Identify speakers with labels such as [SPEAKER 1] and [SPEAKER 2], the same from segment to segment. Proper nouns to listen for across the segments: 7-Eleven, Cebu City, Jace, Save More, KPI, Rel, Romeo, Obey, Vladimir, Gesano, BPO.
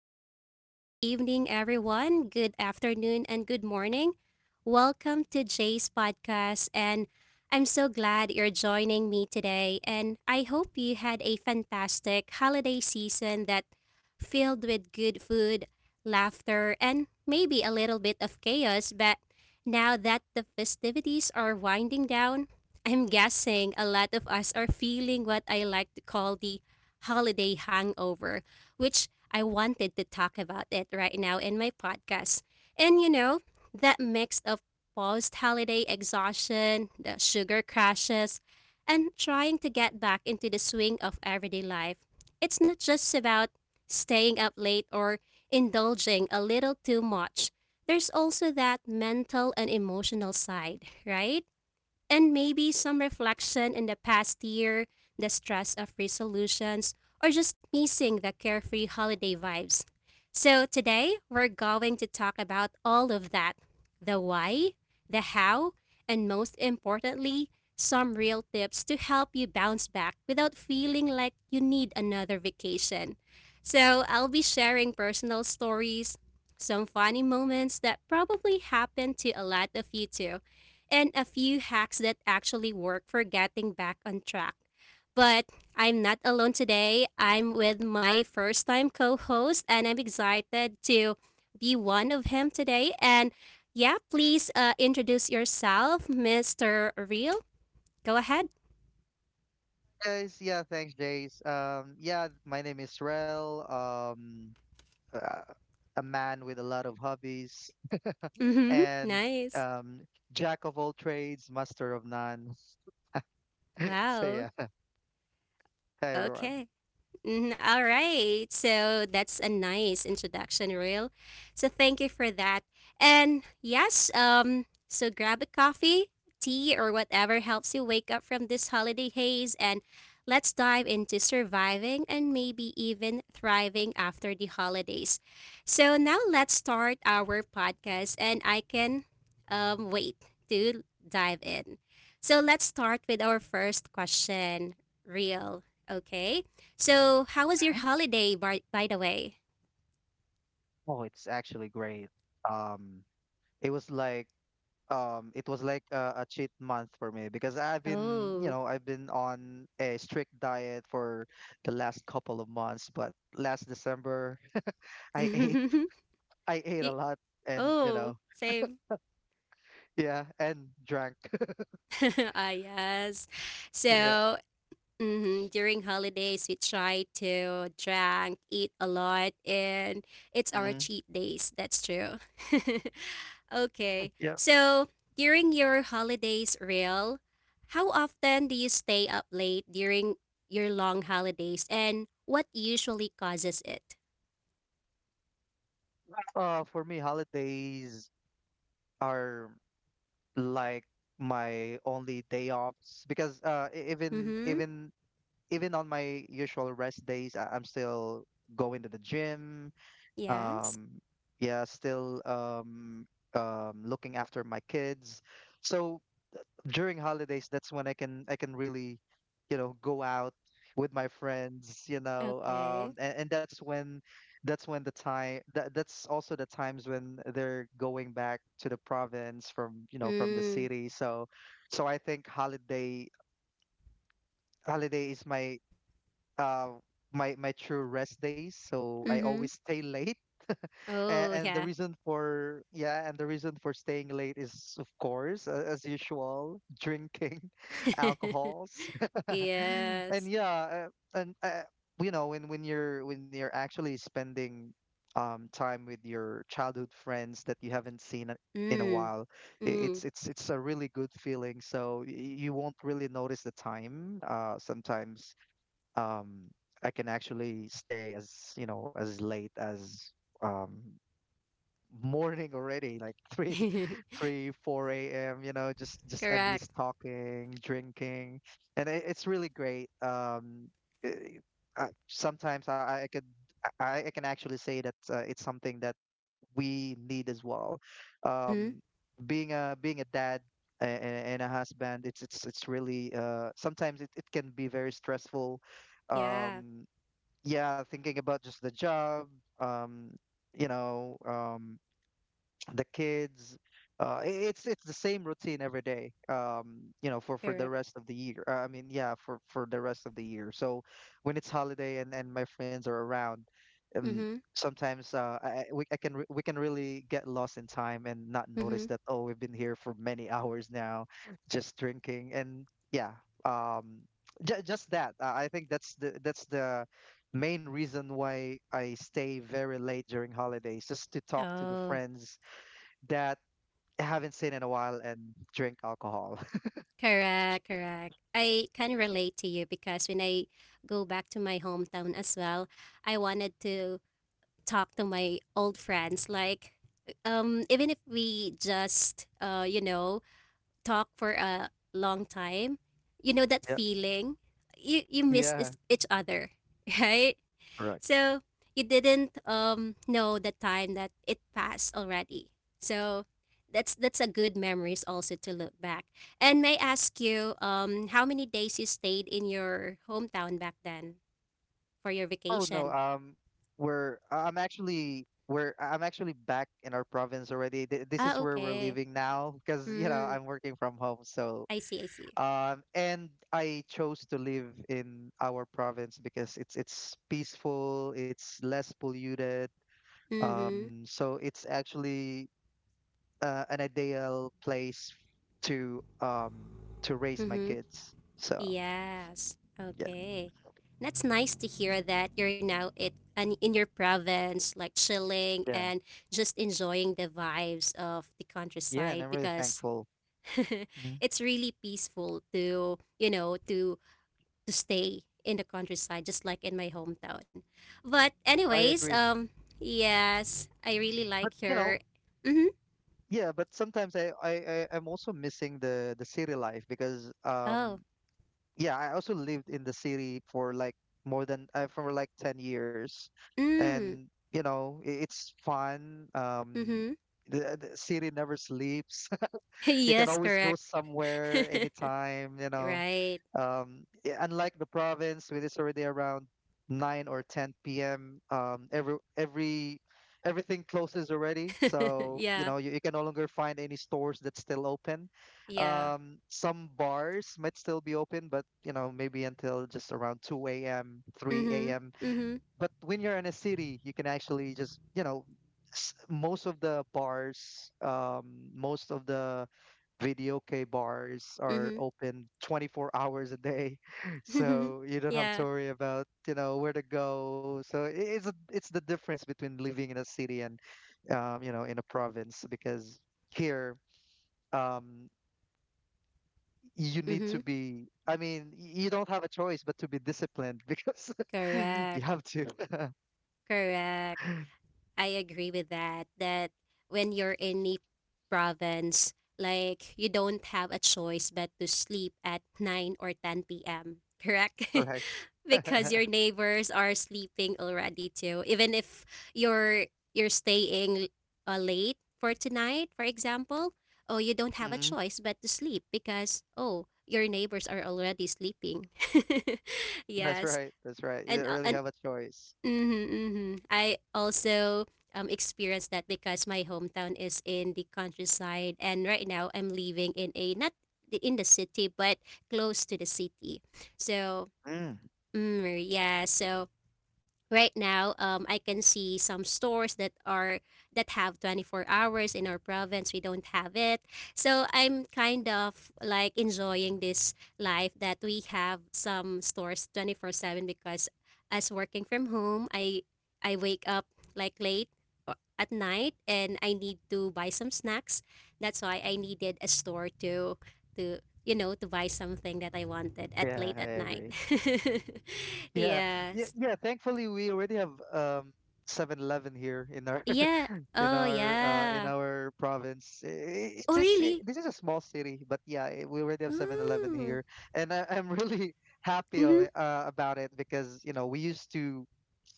[SPEAKER 1] hello. Good evening, everyone. Good afternoon and good morning. Welcome to Jay's podcast. And I'm so glad you're joining me today. And I hope you had a fantastic holiday season that filled with good food, laughter, and maybe a little bit of chaos. But now that the festivities are winding down, I'm guessing a lot of us are feeling what I like to call the holiday hangover which I wanted to talk about it right now in my podcast. And that mix of post holiday exhaustion, the sugar crashes, and trying to get back into the swing of everyday life. It's not just about staying up late or indulging a little too much. There's also that mental and emotional side, right? And maybe some reflection in the past year, the stress of resolutions, or just missing the carefree holiday vibes. So, today we're going to talk about all of that, the why, the how, and most importantly, some real tips to help you bounce back without feeling like you need another vacation. So, I'll be sharing personal stories, some funny moments that probably happened to a lot of you too, and a few hacks that actually work for getting back on track. But I'm not alone today. I'm with my first time co host, and I'm excited to be one of him today. And yeah, please introduce yourself, Mr. Real. Go ahead.
[SPEAKER 2] Guys, yeah, thanks, Jace. Yeah, my name is Rel. Uh, a man with a lot of hobbies
[SPEAKER 1] Hmm.
[SPEAKER 2] and
[SPEAKER 1] Nice.
[SPEAKER 2] um, jack of all trades, master of none. So
[SPEAKER 1] Wow.
[SPEAKER 2] yeah, hi everyone.
[SPEAKER 1] Okay. Mhm. All right. So that's a nice introduction, Real. So thank you for that. And yes, so grab a coffee, tea, or whatever helps you wake up from this holiday haze and let's dive into surviving and maybe even thriving after the holidays. So now let's start our podcast and I can wait to dive in. So let's start with our first question, Real. Okay. So, how was your
[SPEAKER 2] Mhm.
[SPEAKER 1] holiday, by the way?
[SPEAKER 2] Oh, it's actually great. Um, it was like it was like a cheat month for me because I've been, you
[SPEAKER 1] Oh.
[SPEAKER 2] know, I've been on a strict diet for the last couple of months. But last December, I ate, I ate a
[SPEAKER 1] Y-
[SPEAKER 2] lot, and you
[SPEAKER 1] oh,
[SPEAKER 2] know.
[SPEAKER 1] same.
[SPEAKER 2] Yeah, and drank.
[SPEAKER 1] Ah, yes.
[SPEAKER 2] Yeah.
[SPEAKER 1] So, mhm, during holidays, we try to drink, eat a lot, and it's our
[SPEAKER 2] Hmm.
[SPEAKER 1] cheat days. That's true. Okay.
[SPEAKER 2] Yeah.
[SPEAKER 1] So, during your holidays, real, how often do you stay up late during your long holidays, and what usually causes it?
[SPEAKER 2] For me, holidays are like my only day offs because even on my usual rest days, I'm still going to the gym.
[SPEAKER 1] Yes.
[SPEAKER 2] Um, yeah, still looking after my kids. So during holidays, that's when I can really, you know, go out with my friends, you know, um,
[SPEAKER 1] Okay.
[SPEAKER 2] and, and that's when the time that that's also the times when they're going back to the province from, you know, from the
[SPEAKER 1] Mm.
[SPEAKER 2] city. So so I think holiday is my uh my true rest days. So I
[SPEAKER 1] Mm-hmm.
[SPEAKER 2] always stay late, and,
[SPEAKER 1] Oh,
[SPEAKER 2] and the
[SPEAKER 1] yeah.
[SPEAKER 2] reason for staying late is of course as usual drinking alcohols and
[SPEAKER 1] Yes.
[SPEAKER 2] yeah and you know when you're actually spending time with your childhood friends that you haven't seen in a
[SPEAKER 1] Mm.
[SPEAKER 2] while. i-
[SPEAKER 1] Mm.
[SPEAKER 2] it's it's it's a really good feeling, so you won't really notice the time sometimes. um I can actually stay as, you know, as late as um morning already, like three, three, four a.m. You know, just endless
[SPEAKER 1] Correct.
[SPEAKER 2] talking, drinking, and it, it's really great. Eh, Sometimes I can actually say that it's something that we need as well.
[SPEAKER 1] Mm-hmm.
[SPEAKER 2] Um, being a dad and, and a husband, it's really sometimes it can be very stressful.
[SPEAKER 1] Yeah.
[SPEAKER 2] Um, yeah, thinking about just the job. Um, you know, the kids. It's the same routine every day. You know, for the
[SPEAKER 1] Correct.
[SPEAKER 2] rest of the year. For the rest of the year. So when it's holiday and my friends are around, um,
[SPEAKER 1] Mm-hmm.
[SPEAKER 2] sometimes we can really get lost in time and not notice
[SPEAKER 1] Mm-hmm.
[SPEAKER 2] that, oh, we've been here for many hours now, just drinking and yeah. Um, j Just that. I think that's the main reason why I stay very late during holidays, just to talk to the
[SPEAKER 1] Oh,
[SPEAKER 2] friends that I haven't seen in a while and drink alcohol.
[SPEAKER 1] correct. Correct. I can relate to you because when I go back to my hometown as well, I wanted to talk to my old friends. Like, even if we just, talk for a long time, you know that
[SPEAKER 2] Yeah.
[SPEAKER 1] feeling you missed
[SPEAKER 2] Yeah.
[SPEAKER 1] each other, right?
[SPEAKER 2] Correct.
[SPEAKER 1] So you didn't know the time that it passed already. So that's a good memories also to look back. And may I ask you how many days you stayed in your hometown back then for your
[SPEAKER 2] Oh no.
[SPEAKER 1] vacation?
[SPEAKER 2] We're I'm actually back in our province already. This is
[SPEAKER 1] Ah,
[SPEAKER 2] where we're
[SPEAKER 1] okay.
[SPEAKER 2] living now because, you know,
[SPEAKER 1] Mm,
[SPEAKER 2] I'm working from home. So
[SPEAKER 1] I see, I see.
[SPEAKER 2] and I chose to live in our province because it's peaceful, it's less polluted.
[SPEAKER 1] Mhm.
[SPEAKER 2] So it's actually an ideal place to um to raise my
[SPEAKER 1] Mhm.
[SPEAKER 2] kids. So
[SPEAKER 1] Yes.
[SPEAKER 2] yeah,
[SPEAKER 1] Okay. That's nice to hear that you're now it and in your province, like chilling
[SPEAKER 2] yeah,
[SPEAKER 1] and just enjoying the vibes of the
[SPEAKER 2] yeah, and
[SPEAKER 1] countryside
[SPEAKER 2] I'm really
[SPEAKER 1] because
[SPEAKER 2] thankful. Mhm.
[SPEAKER 1] it's really peaceful to, to stay in the countryside just like in my hometown. But
[SPEAKER 2] I
[SPEAKER 1] anyways,
[SPEAKER 2] agree,
[SPEAKER 1] yes, I really
[SPEAKER 2] but
[SPEAKER 1] like
[SPEAKER 2] you
[SPEAKER 1] your.
[SPEAKER 2] know,
[SPEAKER 1] Mhm.
[SPEAKER 2] yeah, but sometimes I'm also missing the city life because
[SPEAKER 1] Oh.
[SPEAKER 2] yeah, I also lived in the city for like more than for like 10 years,
[SPEAKER 1] Mm.
[SPEAKER 2] and you know, it's fun.
[SPEAKER 1] Mhm.
[SPEAKER 2] The city never sleeps. You can
[SPEAKER 1] Yes,
[SPEAKER 2] always go
[SPEAKER 1] correct.
[SPEAKER 2] somewhere anytime, you know.
[SPEAKER 1] Right.
[SPEAKER 2] Unlike the province, with it's already around 9 or 10 p.m. Everything closes already, so you
[SPEAKER 1] Yeah.
[SPEAKER 2] know you can no longer find any stores that's still open.
[SPEAKER 1] Yeah.
[SPEAKER 2] Some bars might still be open, but you know maybe until just around 2 a.m., 3
[SPEAKER 1] Mhm.
[SPEAKER 2] a.m.
[SPEAKER 1] Mhm.
[SPEAKER 2] But when you're in a city, you can actually just, you know, most of the bars, most of the video K bars are
[SPEAKER 1] Mhm.
[SPEAKER 2] open 24 hours a day. So you don't have
[SPEAKER 1] Yeah.
[SPEAKER 2] to worry about, you know, where to go. So it's a, it's the difference between living in a city and, you know, in a province because here, um, you need
[SPEAKER 1] Mhm.
[SPEAKER 2] to be, I mean, you don't have a choice but to be disciplined because you
[SPEAKER 1] Correct.
[SPEAKER 2] have to,
[SPEAKER 1] Correct. I agree with that. That when you're in a province, like you don't have a choice but to sleep at 9 or 10 p.m., correct?
[SPEAKER 2] correct?
[SPEAKER 1] Because your neighbors are sleeping already too. Even if you're you're staying late for tonight, for example, oh, you don't have a
[SPEAKER 2] Mhm.
[SPEAKER 1] choice but to sleep because oh, your neighbors are already sleeping.
[SPEAKER 2] That's
[SPEAKER 1] Yes.
[SPEAKER 2] right. That's right. You
[SPEAKER 1] And
[SPEAKER 2] didn't
[SPEAKER 1] uh,
[SPEAKER 2] really
[SPEAKER 1] and
[SPEAKER 2] have a choice.
[SPEAKER 1] mm-hmm, mm-hmm. I also experienced that because my hometown is in the countryside, and right now I'm living in a not in the city but close to the city. So
[SPEAKER 2] Mm.
[SPEAKER 1] mm, yeah, so right now I can see some stores that are that have 24 hours in our province we don't have it, so I'm kind of like enjoying this life that we have some stores 24/7 because as working from home I wake up like late at night and I need to buy some snacks, that's why I needed a store to you know to buy something that I wanted at
[SPEAKER 2] Yeah,
[SPEAKER 1] late
[SPEAKER 2] I
[SPEAKER 1] at night.
[SPEAKER 2] agree. Yeah. Yeah,
[SPEAKER 1] Yes.
[SPEAKER 2] yeah, thankfully we already have 7-Eleven here in our
[SPEAKER 1] Yeah. Oh,
[SPEAKER 2] in
[SPEAKER 1] yeah.
[SPEAKER 2] our province. It's
[SPEAKER 1] Oh,
[SPEAKER 2] just,
[SPEAKER 1] really?
[SPEAKER 2] this is a small city, but yeah, we already have 7-Eleven
[SPEAKER 1] Mm.
[SPEAKER 2] here, and I'm really happy of
[SPEAKER 1] Mm-hmm.
[SPEAKER 2] it about it because you know we used to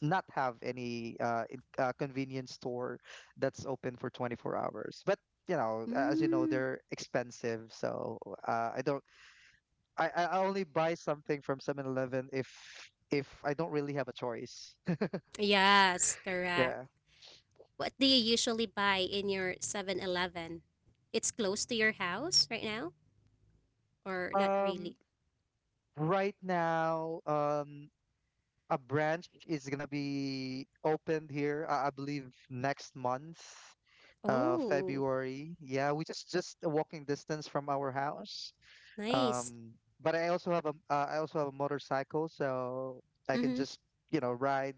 [SPEAKER 2] not have any convenience store that's open for 24 hours, but you know as you know
[SPEAKER 1] Mm.
[SPEAKER 2] they're expensive. So I don't I only buy something from 7-Eleven if I don't really have a choice.
[SPEAKER 1] Yes, correct.
[SPEAKER 2] Yeah.
[SPEAKER 1] What do you usually buy in your 7-Eleven? It's close to your house right now? Or not really?
[SPEAKER 2] um right now a branch is gonna be opened here, I believe next month,
[SPEAKER 1] Oh,
[SPEAKER 2] February. Yeah, we just a walking distance from our house.
[SPEAKER 1] nice.
[SPEAKER 2] Um, but I also have a motorcycle, so I can
[SPEAKER 1] Mm-hmm.
[SPEAKER 2] just, you know, ride.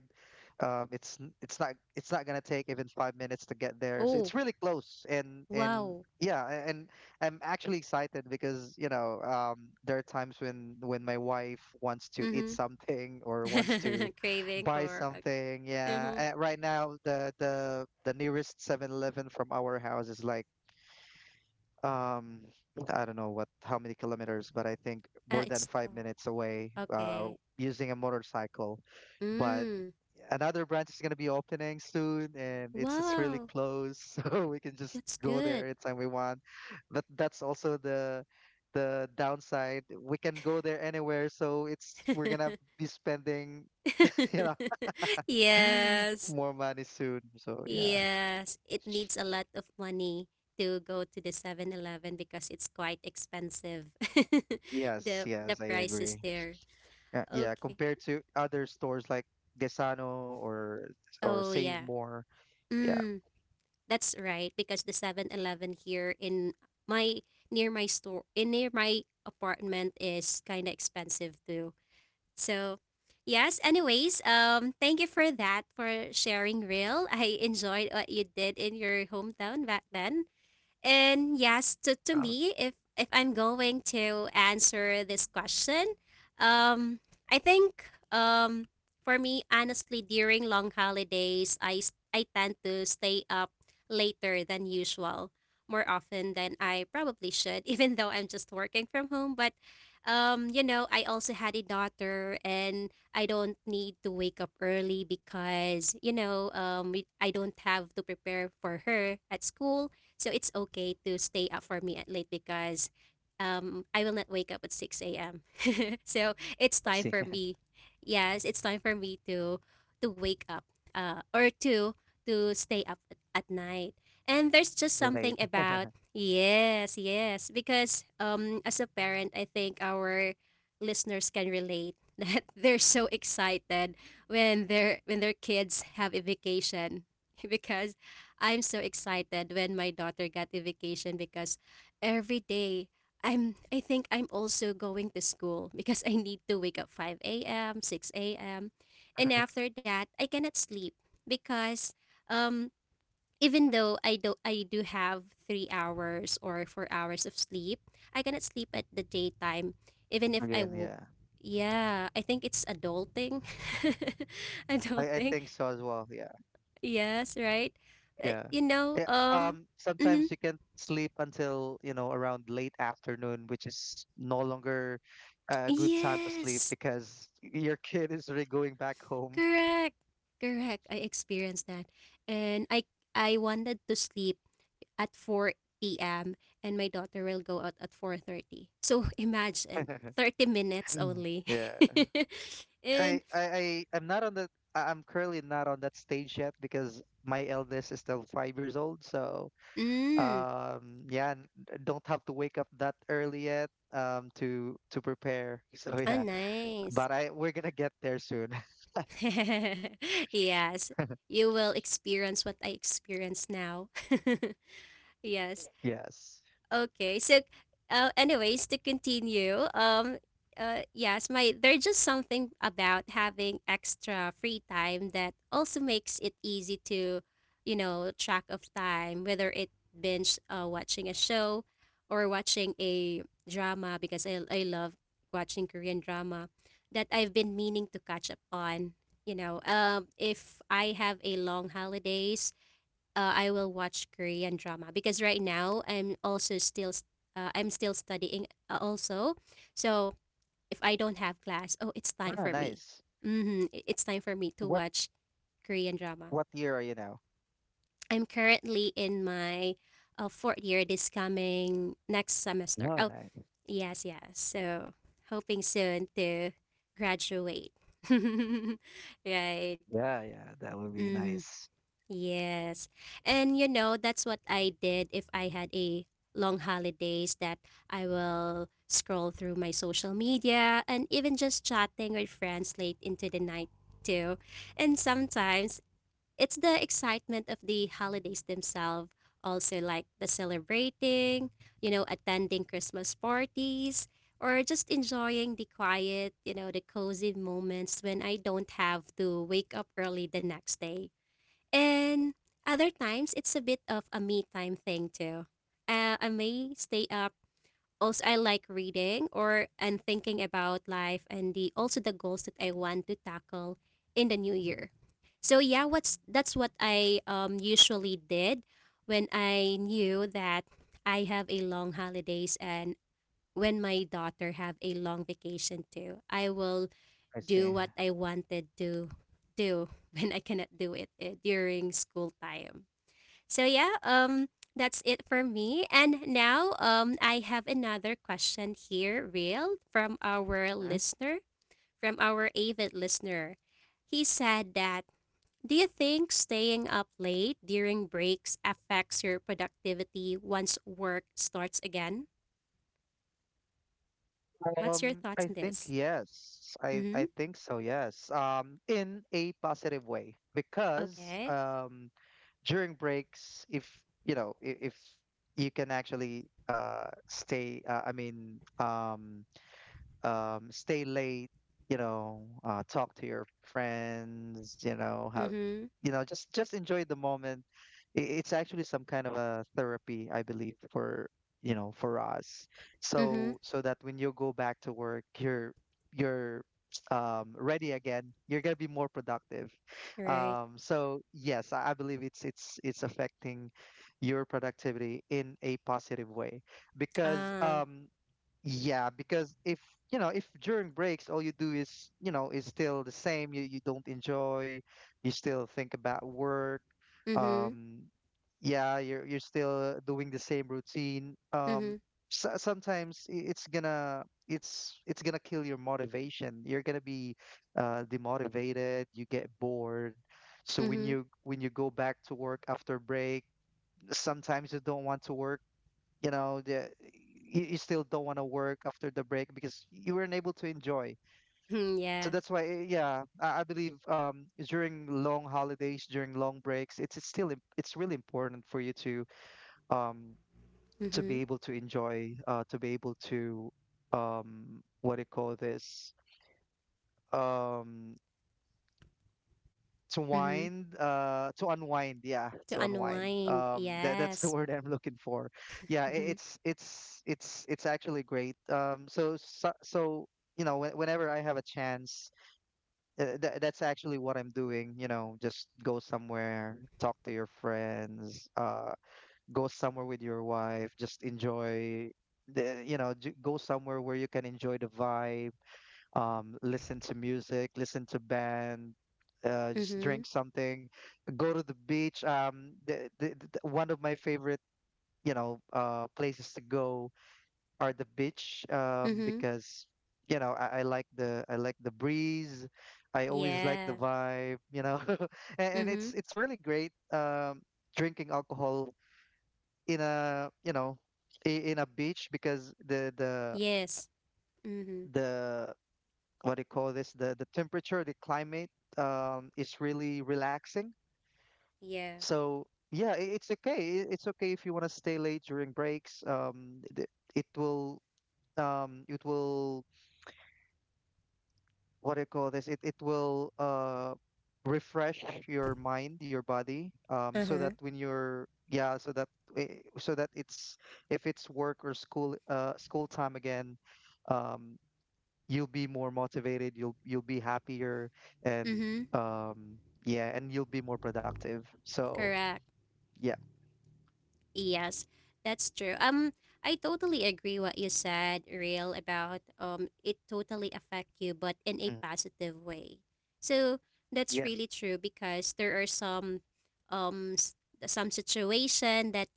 [SPEAKER 2] It's not it's not gonna take even 5 minutes to get there. So
[SPEAKER 1] Oh,
[SPEAKER 2] it's really close, and
[SPEAKER 1] wow.
[SPEAKER 2] yeah, and I'm actually excited because, you know, there are times when my wife wants to eat something or wants
[SPEAKER 1] Mm-hmm.
[SPEAKER 2] to
[SPEAKER 1] Craving
[SPEAKER 2] buy
[SPEAKER 1] for. Okay.
[SPEAKER 2] something. Yeah,
[SPEAKER 1] Mm-hmm.
[SPEAKER 2] right now the nearest 7-Eleven from our house is like um I don't know what how many kilometers, but I think
[SPEAKER 1] Ah,
[SPEAKER 2] more
[SPEAKER 1] it's
[SPEAKER 2] than five
[SPEAKER 1] for.
[SPEAKER 2] minutes away
[SPEAKER 1] Okay.
[SPEAKER 2] using a motorcycle. But
[SPEAKER 1] Mm.
[SPEAKER 2] another branch is gonna be opening soon and it's
[SPEAKER 1] Wow.
[SPEAKER 2] really close, so we can just
[SPEAKER 1] That's
[SPEAKER 2] go
[SPEAKER 1] good.
[SPEAKER 2] there anytime we want. But that's also the downside. We can go there anywhere, so it's we're gonna be spending, you know,
[SPEAKER 1] Yes.
[SPEAKER 2] more money soon. So yeah.
[SPEAKER 1] Yes, it needs a lot of money to go to the 7-Eleven because it's quite expensive.
[SPEAKER 2] Yes,
[SPEAKER 1] The
[SPEAKER 2] yes, I
[SPEAKER 1] price is
[SPEAKER 2] agree.
[SPEAKER 1] there.
[SPEAKER 2] Yeah,
[SPEAKER 1] Okay.
[SPEAKER 2] compared to other stores like Gesano or
[SPEAKER 1] Oh,
[SPEAKER 2] Save
[SPEAKER 1] yeah.
[SPEAKER 2] More. Yeah,
[SPEAKER 1] Mm, that's right because the 7-Eleven here in my near my store in near my apartment is kind of expensive too. So, yes, anyways, thank you for that for sharing, real. I enjoyed what you did in your hometown back then. And yes, to
[SPEAKER 2] around
[SPEAKER 1] me, if I'm going to answer this question, um, I think, um, for me, honestly, during long holidays, I tend to stay up later than usual, more often than I probably should, even though I'm just working from home. But I also had a daughter, and I don't need to wake up early because I don't have to prepare for her at school so it's okay to stay up for me at late because I will not wake up at 6 a.m. So it's
[SPEAKER 2] let's
[SPEAKER 1] time
[SPEAKER 2] see.
[SPEAKER 1] for me. Yes, it's time for me to wake up, or to stay up at night. And there's just something
[SPEAKER 2] Relate.
[SPEAKER 1] about, yes, yes, because as a parent, I think our listeners can relate that they're so excited when their kids have a vacation because I'm so excited when my daughter got a vacation because every day I think I'm also going to school because I need to wake up 5 a.m., 6 a.m. And after that, I cannot sleep because um even though I do have 3 hours or 4 hours of sleep, I cannot sleep at the daytime even if I
[SPEAKER 2] Again,
[SPEAKER 1] woke.
[SPEAKER 2] yeah.
[SPEAKER 1] Yeah, I think it's adulting.
[SPEAKER 2] I
[SPEAKER 1] Adulting.
[SPEAKER 2] think so as well. Yeah.
[SPEAKER 1] Yes, right? Uh,
[SPEAKER 2] Yeah.
[SPEAKER 1] you know,
[SPEAKER 2] Yeah.
[SPEAKER 1] um, mhm.
[SPEAKER 2] Sometimes you can sleep until, you know, around late afternoon, which is no longer a good time to sleep
[SPEAKER 1] Yes,
[SPEAKER 2] because your kid is already going back home.
[SPEAKER 1] correct, correct. I experienced that, and I wanted to sleep at four p.m. and my daughter will go out at 4:30. So imagine 30 minutes only.
[SPEAKER 2] Yeah.
[SPEAKER 1] And
[SPEAKER 2] I I I- I'm not on the I'm currently not on that stage yet because my eldest is still 5 years old. So
[SPEAKER 1] mm,
[SPEAKER 2] yeah, don't have to wake up that early yet to prepare. So
[SPEAKER 1] oh,
[SPEAKER 2] yeah,
[SPEAKER 1] nice.
[SPEAKER 2] but I we're gonna get there soon.
[SPEAKER 1] Yes, you will experience what I experience now. Yes.
[SPEAKER 2] Yes.
[SPEAKER 1] Okay, so anyways, to continue, yes, my there's just something about having extra free time that also makes it easy to, you know, track of time, whether it binge watching a show or watching a drama because I love watching Korean drama that I've been meaning to catch up on. You know, if I have a long holidays, I will watch Korean drama because right now I'm also I'm still studying, also. So if I don't have class, oh, it's time
[SPEAKER 2] Ah,
[SPEAKER 1] for me.
[SPEAKER 2] nice.
[SPEAKER 1] Mm-hmm. It's time for me to
[SPEAKER 2] What
[SPEAKER 1] watch Korean drama.
[SPEAKER 2] year are you now?
[SPEAKER 1] I'm currently in my fourth year this coming next semester.
[SPEAKER 2] Oh,
[SPEAKER 1] Oh,
[SPEAKER 2] nice.
[SPEAKER 1] yes, yes. So hoping soon to graduate. Right.
[SPEAKER 2] Yeah, yeah, that would be
[SPEAKER 1] Mm-hmm.
[SPEAKER 2] nice.
[SPEAKER 1] Yes. And you know, that's what I did if I had a long holidays, that I will scroll through my social media and even just chatting with friends late into the night too. And sometimes it's the excitement of the holidays themselves, also like the celebrating, you know, attending Christmas parties or just enjoying the quiet, you know, the cozy moments when I don't have to wake up early the next day. And other times, it's a bit of a me time thing too. I may stay up. Also, I like reading or and thinking about life and the also the goals that I want to tackle in the new year. So yeah, what's that's what I usually did when I knew that I have a long holidays and when my daughter have a long vacation too. I will
[SPEAKER 2] I
[SPEAKER 1] do
[SPEAKER 2] see.
[SPEAKER 1] what I wanted to do when I cannot do it during school time. So yeah, that's it for me. And now I have another question here, real, from our avid listener. He said that, do you think staying up late during breaks affects your productivity once work starts again? What's your
[SPEAKER 2] I
[SPEAKER 1] thoughts on
[SPEAKER 2] think
[SPEAKER 1] this?
[SPEAKER 2] yes. I
[SPEAKER 1] Mm-hmm.
[SPEAKER 2] think so, yes. In a positive way because
[SPEAKER 1] Okay.
[SPEAKER 2] during breaks if you know if you can actually stay I mean stay late, you know, talk to your friends, you know, have,
[SPEAKER 1] Mm-hmm.
[SPEAKER 2] you know, just enjoy the moment. It's actually some kind of a therapy, I believe, for you know, for us.
[SPEAKER 1] Mm-hmm.
[SPEAKER 2] So so that when you go back to work, you're you're ready again. You're gonna be more productive.
[SPEAKER 1] Right.
[SPEAKER 2] So yes, I believe it's affecting your productivity in a positive way because
[SPEAKER 1] Ah.
[SPEAKER 2] yeah, because if you know, if during breaks all you do is, you know, is still the same, you don't enjoy, you still think about work.
[SPEAKER 1] Mhm,
[SPEAKER 2] Um, yeah, you're still doing the same routine.
[SPEAKER 1] mhm,
[SPEAKER 2] So, sometimes it's gonna kill your motivation. You're gonna be demotivated, you get bored. So
[SPEAKER 1] mhm.
[SPEAKER 2] when you go back to work after break, sometimes you don't want to work, you know you still don't want to work after the break because you weren't able to enjoy.
[SPEAKER 1] Mm,
[SPEAKER 2] So
[SPEAKER 1] yeah.
[SPEAKER 2] that's why yeah I believe during long holidays during long breaks it's still it's really important for you um to be
[SPEAKER 1] Mhm,
[SPEAKER 2] able to enjoy, to be able to what do you call this um to
[SPEAKER 1] mhm.
[SPEAKER 2] wind to unwind, yeah, to
[SPEAKER 1] To
[SPEAKER 2] unwind.
[SPEAKER 1] unwind.
[SPEAKER 2] That that's the
[SPEAKER 1] Yes.
[SPEAKER 2] word I'm looking for. Yeah, it,
[SPEAKER 1] Mhm.
[SPEAKER 2] it's actually great. So so you know whenever I have a chance, that's actually what I'm doing, you know, just go somewhere, talk to your friends, go somewhere with your wife, just enjoy the you know ju- go somewhere where you can enjoy the vibe. Listen to music, listen to band, just
[SPEAKER 1] Mhm,
[SPEAKER 2] drink something, go to the beach. The one of my favorite, places to go are the beach,
[SPEAKER 1] mhm.
[SPEAKER 2] because you know, I like the breeze. I always like the
[SPEAKER 1] Yeah.
[SPEAKER 2] vibe, you know, and it's
[SPEAKER 1] Mhm.
[SPEAKER 2] it's really great drinking alcohol in a in a beach because the the
[SPEAKER 1] Yes. Mhm.
[SPEAKER 2] the what do you call this, the temperature, the climate is really relaxing.
[SPEAKER 1] Yeah.
[SPEAKER 2] So yeah, it's okay, it's okay if you want to stay late during breaks. It will it will, what do you call this, it will refresh your mind, your body,
[SPEAKER 1] Uh
[SPEAKER 2] so
[SPEAKER 1] huh.
[SPEAKER 2] that when you're yeah so that so that it's, if it's work or school, school time again, um you'll be more motivated, you'll be happier, and
[SPEAKER 1] Mhm.
[SPEAKER 2] um yeah, and you'll be more productive. So,
[SPEAKER 1] Correct.
[SPEAKER 2] yeah.
[SPEAKER 1] Yes, that's true. I totally agree what you said, Real, about it totally affect you, but in a
[SPEAKER 2] Mm.
[SPEAKER 1] positive way. So that's
[SPEAKER 2] Yes.
[SPEAKER 1] really true because there are some um s- some situation that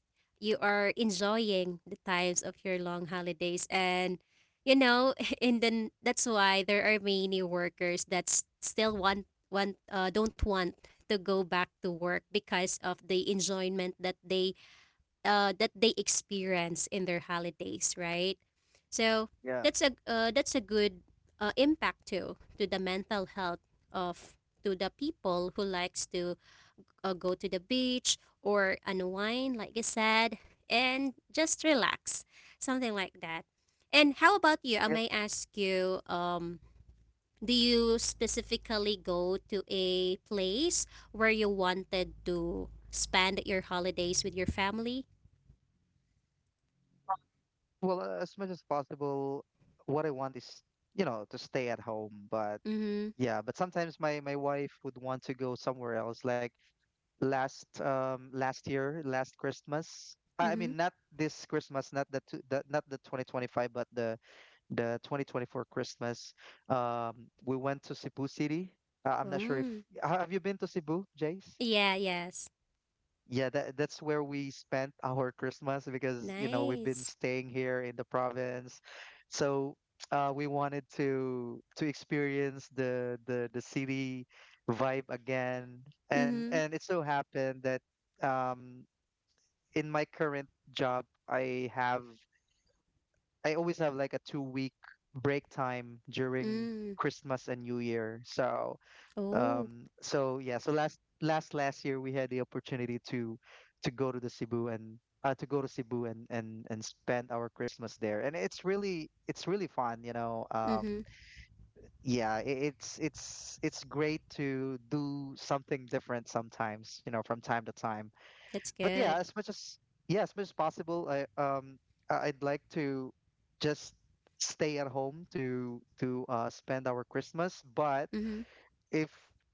[SPEAKER 1] you are enjoying the times of your long holidays, and you know, and then that's why there are many workers that s- still want don't want to go back to work because of the enjoyment that they experience in their holidays, right? So
[SPEAKER 2] Yeah.
[SPEAKER 1] that's a good impact too to the mental health of to the people who likes to go to the beach or unwind, like you said, and just relax, something like that. And how about you? I
[SPEAKER 2] Yep.
[SPEAKER 1] may ask you, do you specifically go to a place where you wanted to spend your holidays with your family?
[SPEAKER 2] Well, as much as possible, what I want is, you know, to stay at home, but
[SPEAKER 1] Mm-hmm.
[SPEAKER 2] yeah, but sometimes my wife would want to go somewhere else. Like last last year, last Christmas. I mean,
[SPEAKER 1] Mhm.
[SPEAKER 2] not this Christmas, not the, not the 2025, but the 2024 Christmas, um, we went to Cebu City. I'm not sure if
[SPEAKER 1] Mm.
[SPEAKER 2] have you been to Cebu, Jace?
[SPEAKER 1] Yeah, yes.
[SPEAKER 2] Yeah, that's where we spent our Christmas because you know we've been
[SPEAKER 1] Nice.
[SPEAKER 2] staying here in the province, so we wanted to experience the city vibe again,
[SPEAKER 1] Mhm.
[SPEAKER 2] and it so happened that um, in my current job I have, I always have like a 2 week break time during
[SPEAKER 1] Mm.
[SPEAKER 2] Christmas and New Year. So
[SPEAKER 1] Oh.
[SPEAKER 2] so yeah, so last year we had the opportunity to go to the Cebu and to go to Cebu and and spend our Christmas there. And it's really fun, you know.
[SPEAKER 1] Mhm.
[SPEAKER 2] Yeah, it's great to do something different sometimes, you know, from time to time.
[SPEAKER 1] That's
[SPEAKER 2] But yeah,
[SPEAKER 1] good.
[SPEAKER 2] as much as yeah, as much as possible, I I'd like to just stay at home to spend our Christmas. But
[SPEAKER 1] Mhm.
[SPEAKER 2] if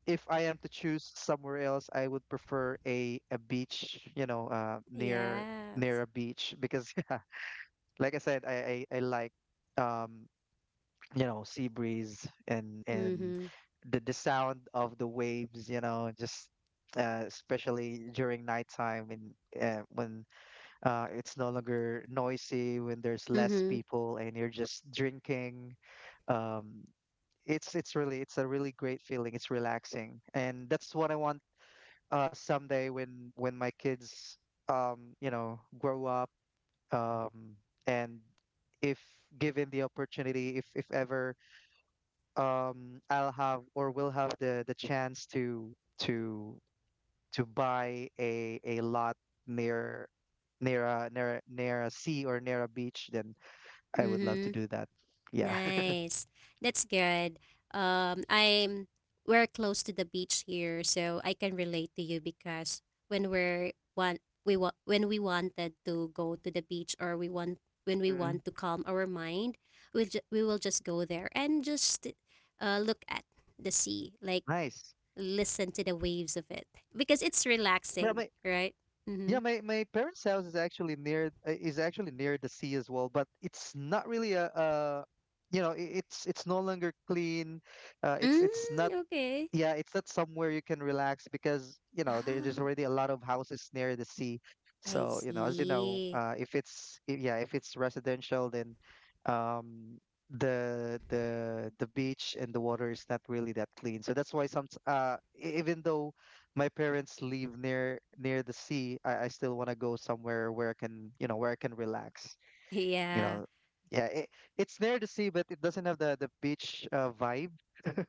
[SPEAKER 2] if I am to choose somewhere else, I would prefer a beach, you know, near
[SPEAKER 1] Yes.
[SPEAKER 2] a beach because yeah, like I said, I like um you know sea breeze and
[SPEAKER 1] Mhm.
[SPEAKER 2] the sound of the waves, you know, just especially during nighttime and when it's no longer noisy when there's less
[SPEAKER 1] Mhm.
[SPEAKER 2] people and you're just drinking. Um, it's a really great feeling. It's relaxing, and that's what I want someday when my kids you know grow up, um, and if given the opportunity, if ever I'll have or will have the chance to to buy a lot near near a sea or near a beach, then I would love to
[SPEAKER 1] Mhm.
[SPEAKER 2] do that. Yeah.
[SPEAKER 1] Nice. That's good. I'm we're close to the beach here, so I can relate to you because when we're one we wa- when we wanted to go to the beach or we want when we
[SPEAKER 2] Mm.
[SPEAKER 1] want to calm our mind, we will just go there and just look at the sea, like
[SPEAKER 2] Nice.
[SPEAKER 1] listen to the waves of it because it's
[SPEAKER 2] Yeah,
[SPEAKER 1] relaxing,
[SPEAKER 2] my
[SPEAKER 1] right?
[SPEAKER 2] yeah,
[SPEAKER 1] Mm-hmm.
[SPEAKER 2] my parents' house is actually near the sea as well, but it's not really a you know, it's no longer clean. It's not,
[SPEAKER 1] Mm, okay.
[SPEAKER 2] yeah, it's not somewhere you can relax because you know there's
[SPEAKER 1] Oh,
[SPEAKER 2] already a lot of houses near the sea.
[SPEAKER 1] I
[SPEAKER 2] So you know, as you know,
[SPEAKER 1] see.
[SPEAKER 2] if it's I- yeah, if it's residential, then um, the beach and the water is not really that clean. So that's why some even though my parents live near the sea, I still want to go somewhere where I can, you know, where I can relax. You
[SPEAKER 1] Yeah.
[SPEAKER 2] know, yeah, it's near the sea, but it doesn't have the beach, vibe.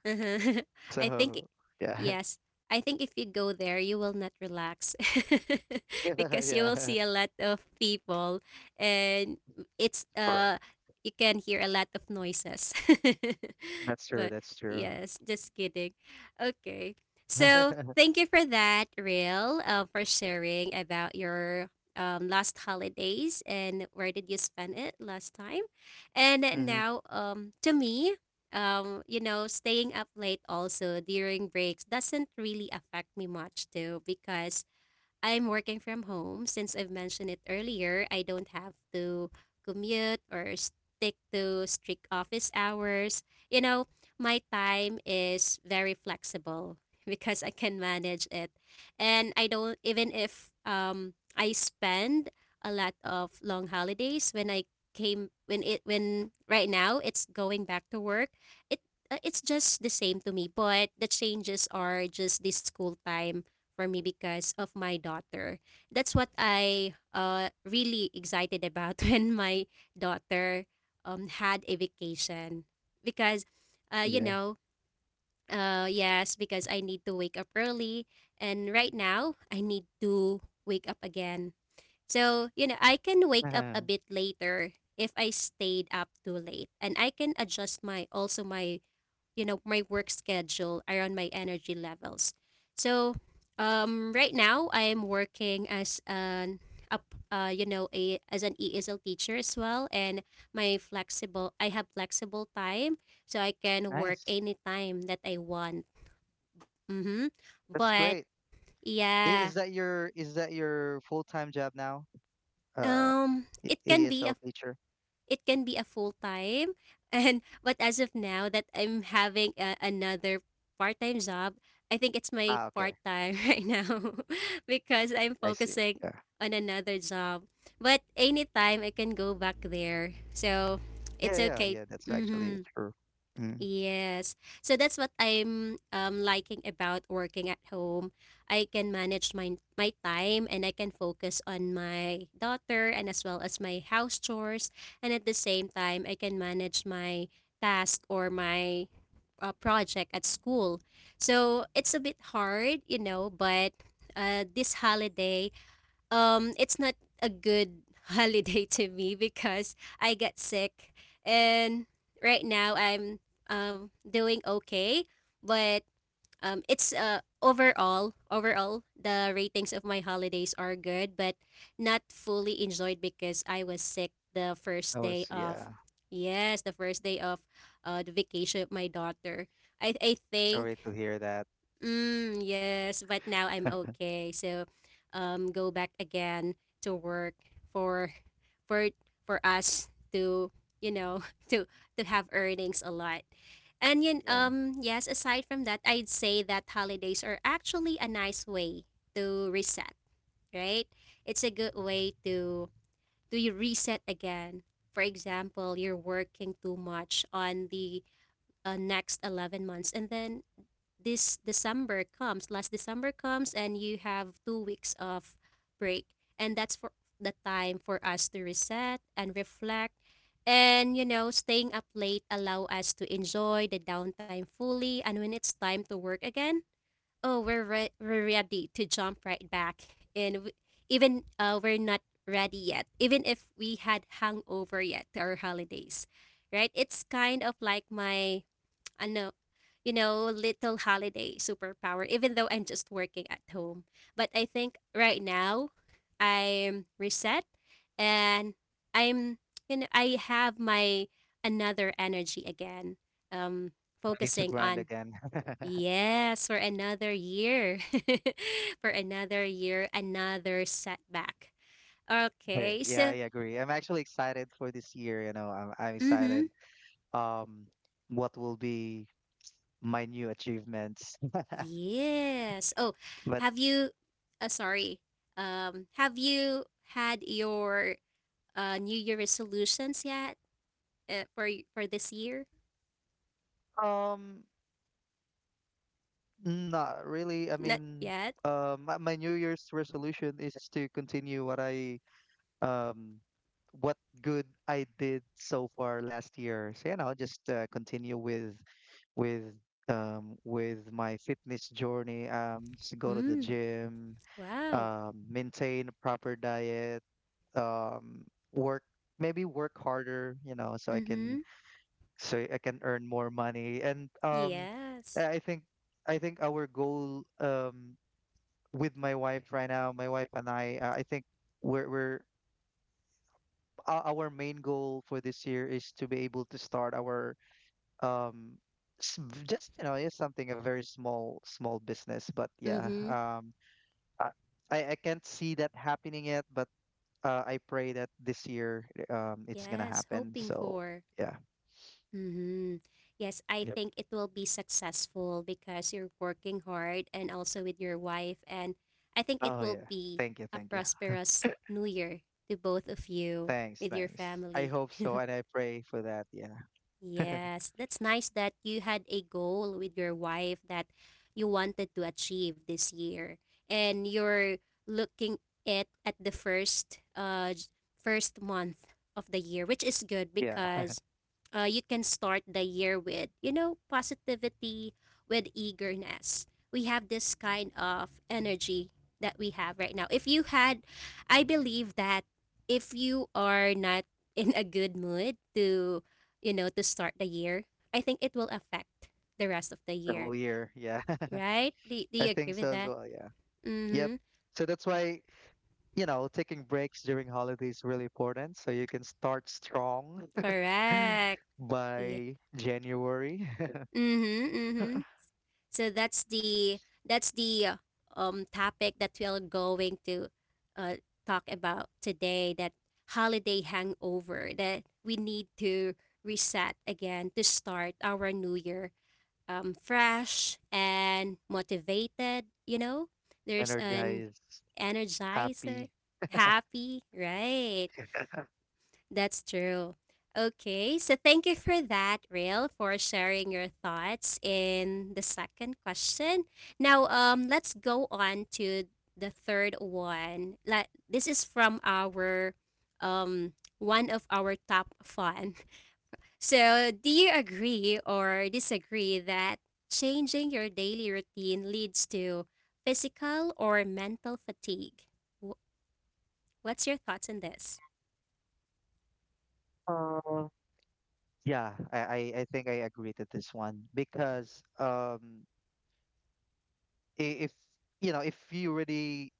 [SPEAKER 1] Uh-huh. I think,
[SPEAKER 2] So yeah.
[SPEAKER 1] yes, I think if you go there, you will not relax because you will
[SPEAKER 2] Yeah.
[SPEAKER 1] see a lot of people and it's,
[SPEAKER 2] Correct.
[SPEAKER 1] you can hear a lot of noises.
[SPEAKER 2] That's true.
[SPEAKER 1] But
[SPEAKER 2] That's true.
[SPEAKER 1] yes, just kidding. Okay. So thank you for that, Real, for sharing about your last holidays and where did you spend it last time. And
[SPEAKER 2] Mhm.
[SPEAKER 1] now, to me, you know, staying up late also during breaks doesn't really affect me much too because I'm working from home. Since I've mentioned it earlier, I don't have to commute or stick to strict office hours. You know, my time is very flexible because I can manage it. And I don't, even if I spend a lot of long holidays when I came when it when right now it's going back to work it it's just the same to me, but the changes are just the school time for me because of my daughter. That's what I really excited about when my daughter had a vacation because, uh, you
[SPEAKER 2] Yeah.
[SPEAKER 1] know, yes, because I need to wake up early, and right now I need to wake up again. So you know, I can wake up a bit later if I stayed up too late, and I can adjust my also my you know my work schedule around my energy levels. So right now I am working as an up you know a as an ESL teacher as well, and my flexible I have flexible time, so I can work
[SPEAKER 2] Nice.
[SPEAKER 1] anytime that I want. Mm-hmm.
[SPEAKER 2] That's
[SPEAKER 1] But
[SPEAKER 2] great.
[SPEAKER 1] yeah,
[SPEAKER 2] Is that your, is that your full-time job now? Uh, E-
[SPEAKER 1] it can be
[SPEAKER 2] ESL teacher?
[SPEAKER 1] a full-time and but as of now that I'm having a, another part-time job, I think it's my
[SPEAKER 2] Ah, okay.
[SPEAKER 1] part-time right now because I'm
[SPEAKER 2] I see.
[SPEAKER 1] focusing
[SPEAKER 2] Yeah.
[SPEAKER 1] on another job. But anytime I can go back there. So it's
[SPEAKER 2] Yeah, yeah,
[SPEAKER 1] okay.
[SPEAKER 2] yeah. That's actually
[SPEAKER 1] Mhm.
[SPEAKER 2] true. Mm.
[SPEAKER 1] Yes. So that's what I'm liking about working at home. I can manage my time, and I can focus on my daughter and as well as my house chores. And at the same time, I can manage my task or my project at school. So it's a bit hard, you know, but this holiday it's not a good holiday to me because I got sick, and right now I'm doing okay, but it's overall the ratings of my holidays are good but not fully enjoyed because I was sick the
[SPEAKER 2] I
[SPEAKER 1] first day
[SPEAKER 2] was,
[SPEAKER 1] of
[SPEAKER 2] yeah.
[SPEAKER 1] yes the first day of the vacation of my daughter, I think.
[SPEAKER 2] Sorry to hear that.
[SPEAKER 1] Mm, yes, but now I'm okay. So, go back again to work for for for us to you know to to have earnings a lot. And yun,
[SPEAKER 2] Yeah. I
[SPEAKER 1] yes. Aside from that, I'd say that holidays are actually a nice way to reset. Right? It's a good way to you reset again. For example, you're working too much on the next 11 months, and then this December comes, last December comes, and you have 2 weeks of break. And that's for the time for us to reset and reflect. And you know, staying up late allow us to enjoy the downtime fully. And when it's time to work again, oh, we're ready to jump right back. And w- even we're not ready yet, even if we had hungover yet to our holidays, right? It's kind of like my I know, you know, little holiday superpower, even though I'm just working at home. But I think right now I'm reset, and I'm, you know, I have my another energy again, um,
[SPEAKER 2] need to
[SPEAKER 1] focusing
[SPEAKER 2] grind
[SPEAKER 1] on,
[SPEAKER 2] again.
[SPEAKER 1] yes, for another year, for another year, another setback.
[SPEAKER 2] Hey,
[SPEAKER 1] Okay,
[SPEAKER 2] yeah, I
[SPEAKER 1] so,
[SPEAKER 2] agree. I'm actually excited for this year, you know. I'm
[SPEAKER 1] mm-hmm.
[SPEAKER 2] excited um what will be my new achievements.
[SPEAKER 1] Yes. Oh,
[SPEAKER 2] But
[SPEAKER 1] have you sorry. Have you had your New Year resolutions yet for this year?
[SPEAKER 2] Um, not really. I
[SPEAKER 1] Not
[SPEAKER 2] mean,
[SPEAKER 1] yet.
[SPEAKER 2] my New Year's resolution is to continue what I um what good I did so far last year. So you know, just continue with with my fitness journey. Just go to the
[SPEAKER 1] Mm.
[SPEAKER 2] gym.
[SPEAKER 1] Wow.
[SPEAKER 2] Maintain a proper diet. Um, work, maybe work harder. You know, so I can
[SPEAKER 1] Mhm.
[SPEAKER 2] earn more money. And um,
[SPEAKER 1] Yes.
[SPEAKER 2] I I think, I think our goal, with my wife right now, my wife and I think we're our main goal for this year is to be able to start our um just you know it's something a very small business, but yeah
[SPEAKER 1] Mhm.
[SPEAKER 2] um i I can't see that happening yet, but I pray that this year it's gonna
[SPEAKER 1] Yes,
[SPEAKER 2] happen.
[SPEAKER 1] hoping
[SPEAKER 2] So
[SPEAKER 1] for.
[SPEAKER 2] yeah.
[SPEAKER 1] Mm-hmm. Yes, I
[SPEAKER 2] Yep.
[SPEAKER 1] think it will be successful because you're working hard and also with your wife. And I think it
[SPEAKER 2] Oh
[SPEAKER 1] will
[SPEAKER 2] yeah,
[SPEAKER 1] be
[SPEAKER 2] thank you
[SPEAKER 1] a
[SPEAKER 2] thank you.
[SPEAKER 1] prosperous new year to both of you
[SPEAKER 2] Thanks,
[SPEAKER 1] with your
[SPEAKER 2] thanks. I
[SPEAKER 1] family.
[SPEAKER 2] hope so, and I pray for that. Yeah,
[SPEAKER 1] Yes, that's nice that you had a goal with your wife that you wanted to achieve this year, and you're looking it at the first month of the year, which is good
[SPEAKER 2] yeah,
[SPEAKER 1] because you can start the year with you know positivity, with eagerness. We have this kind of energy that we have right now. If you had, I believe that if you are not in a good mood to you know, to start the year, I think it will affect the rest of the
[SPEAKER 2] the
[SPEAKER 1] year,
[SPEAKER 2] whole year. Yeah,
[SPEAKER 1] right? Do, do
[SPEAKER 2] I
[SPEAKER 1] you
[SPEAKER 2] think
[SPEAKER 1] agree
[SPEAKER 2] so
[SPEAKER 1] with
[SPEAKER 2] as
[SPEAKER 1] that?
[SPEAKER 2] well. Yeah, yep.
[SPEAKER 1] Mm-hmm.
[SPEAKER 2] So that's why, you know, taking breaks during holidays is really important. So you can start strong
[SPEAKER 1] Correct. Yeah.
[SPEAKER 2] by January.
[SPEAKER 1] Mm-hmm. Mm-hmm. So that's the topic that we are going to uh talk about today. That holiday hangover that we need to reset again to start our new year fresh and motivated, you know? There's an
[SPEAKER 2] Energized,
[SPEAKER 1] energizer,
[SPEAKER 2] happy.
[SPEAKER 1] happy, right? That's true. Okay, so thank you for that, Rail, for sharing your thoughts in the second question. Now, let's go on to the third one. Like, this is from our one of our top fun. So, do you agree or disagree that changing your daily routine leads to physical or mental fatigue? Wh- What's your thoughts on this?
[SPEAKER 2] Uh, yeah, I I think I agree to this one because if, you know, if you really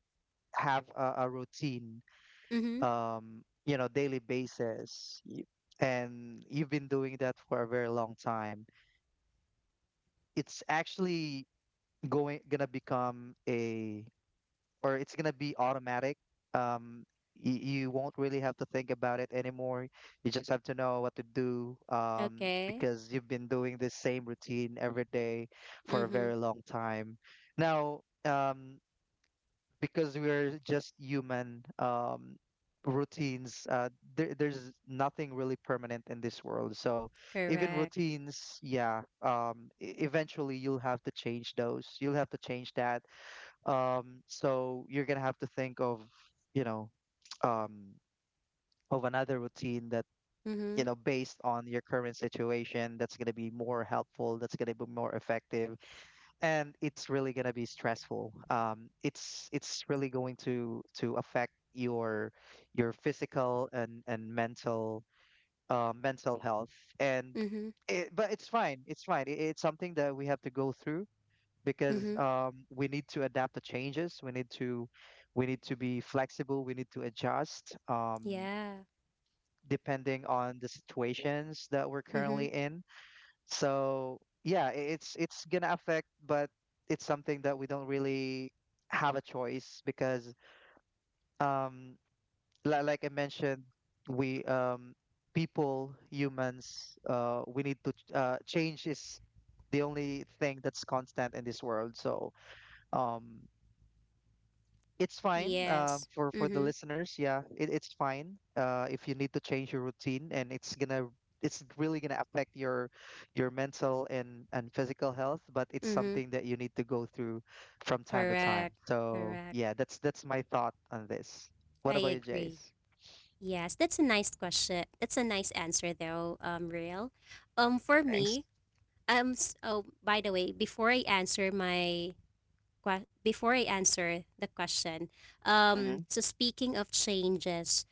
[SPEAKER 2] have a routine,
[SPEAKER 1] Mm-hmm.
[SPEAKER 2] you know, daily basis, and you've been doing that for a very long time, it's actually going gonna become or it's gonna be automatic. Um, you won't really have to think about it anymore. You just have to know what to do,
[SPEAKER 1] Okay.
[SPEAKER 2] because you've been doing this same routine every day for a
[SPEAKER 1] Mm-hmm.
[SPEAKER 2] very long time. Now, because we're just human, routines, there's nothing really permanent in this world, so even
[SPEAKER 1] Correct.
[SPEAKER 2] routines, yeah, eventually you'll have to change those, you'll have to change that. So you're gonna have to think of, you know, um, of another routine that,
[SPEAKER 1] Mm-hmm.
[SPEAKER 2] you know, based on your current situation, that's gonna be more helpful, that's gonna be more effective. And it's really going to be stressful, it's really going to affect your physical and mental, mental health. And
[SPEAKER 1] Mm-hmm.
[SPEAKER 2] it, but it's fine, it's fine, it's something that we have to go through
[SPEAKER 1] Mm-hmm.
[SPEAKER 2] because we need to adapt to changes, we need to be flexible, we need to adjust,
[SPEAKER 1] Yeah.
[SPEAKER 2] depending on the situations that we're
[SPEAKER 1] Mm-hmm.
[SPEAKER 2] currently in. So yeah, it's gonna affect, but it's something that we don't really have a choice, because um like I mentioned, we people, humans, we need to change — is the only thing that's constant in this world. So um it's fine,
[SPEAKER 1] Yeah.
[SPEAKER 2] for the
[SPEAKER 1] Mm-hmm.
[SPEAKER 2] listeners. Yeah, it, it's fine, if you need to change your routine, and it's gonna it's really gonna affect your mental and physical health. But it's
[SPEAKER 1] Mm-hmm.
[SPEAKER 2] something that you need to go through from time to time.
[SPEAKER 1] Correct.
[SPEAKER 2] So
[SPEAKER 1] Correct.
[SPEAKER 2] yeah, that's my thought on this. What
[SPEAKER 1] I
[SPEAKER 2] about you,
[SPEAKER 1] agree.
[SPEAKER 2] Jace?
[SPEAKER 1] Yes, that's a nice question. That's a nice answer though, Real. For
[SPEAKER 2] Thanks.
[SPEAKER 1] me, Oh, by the way, before I answer before I answer the question,
[SPEAKER 2] Hmm.
[SPEAKER 1] So speaking of changes,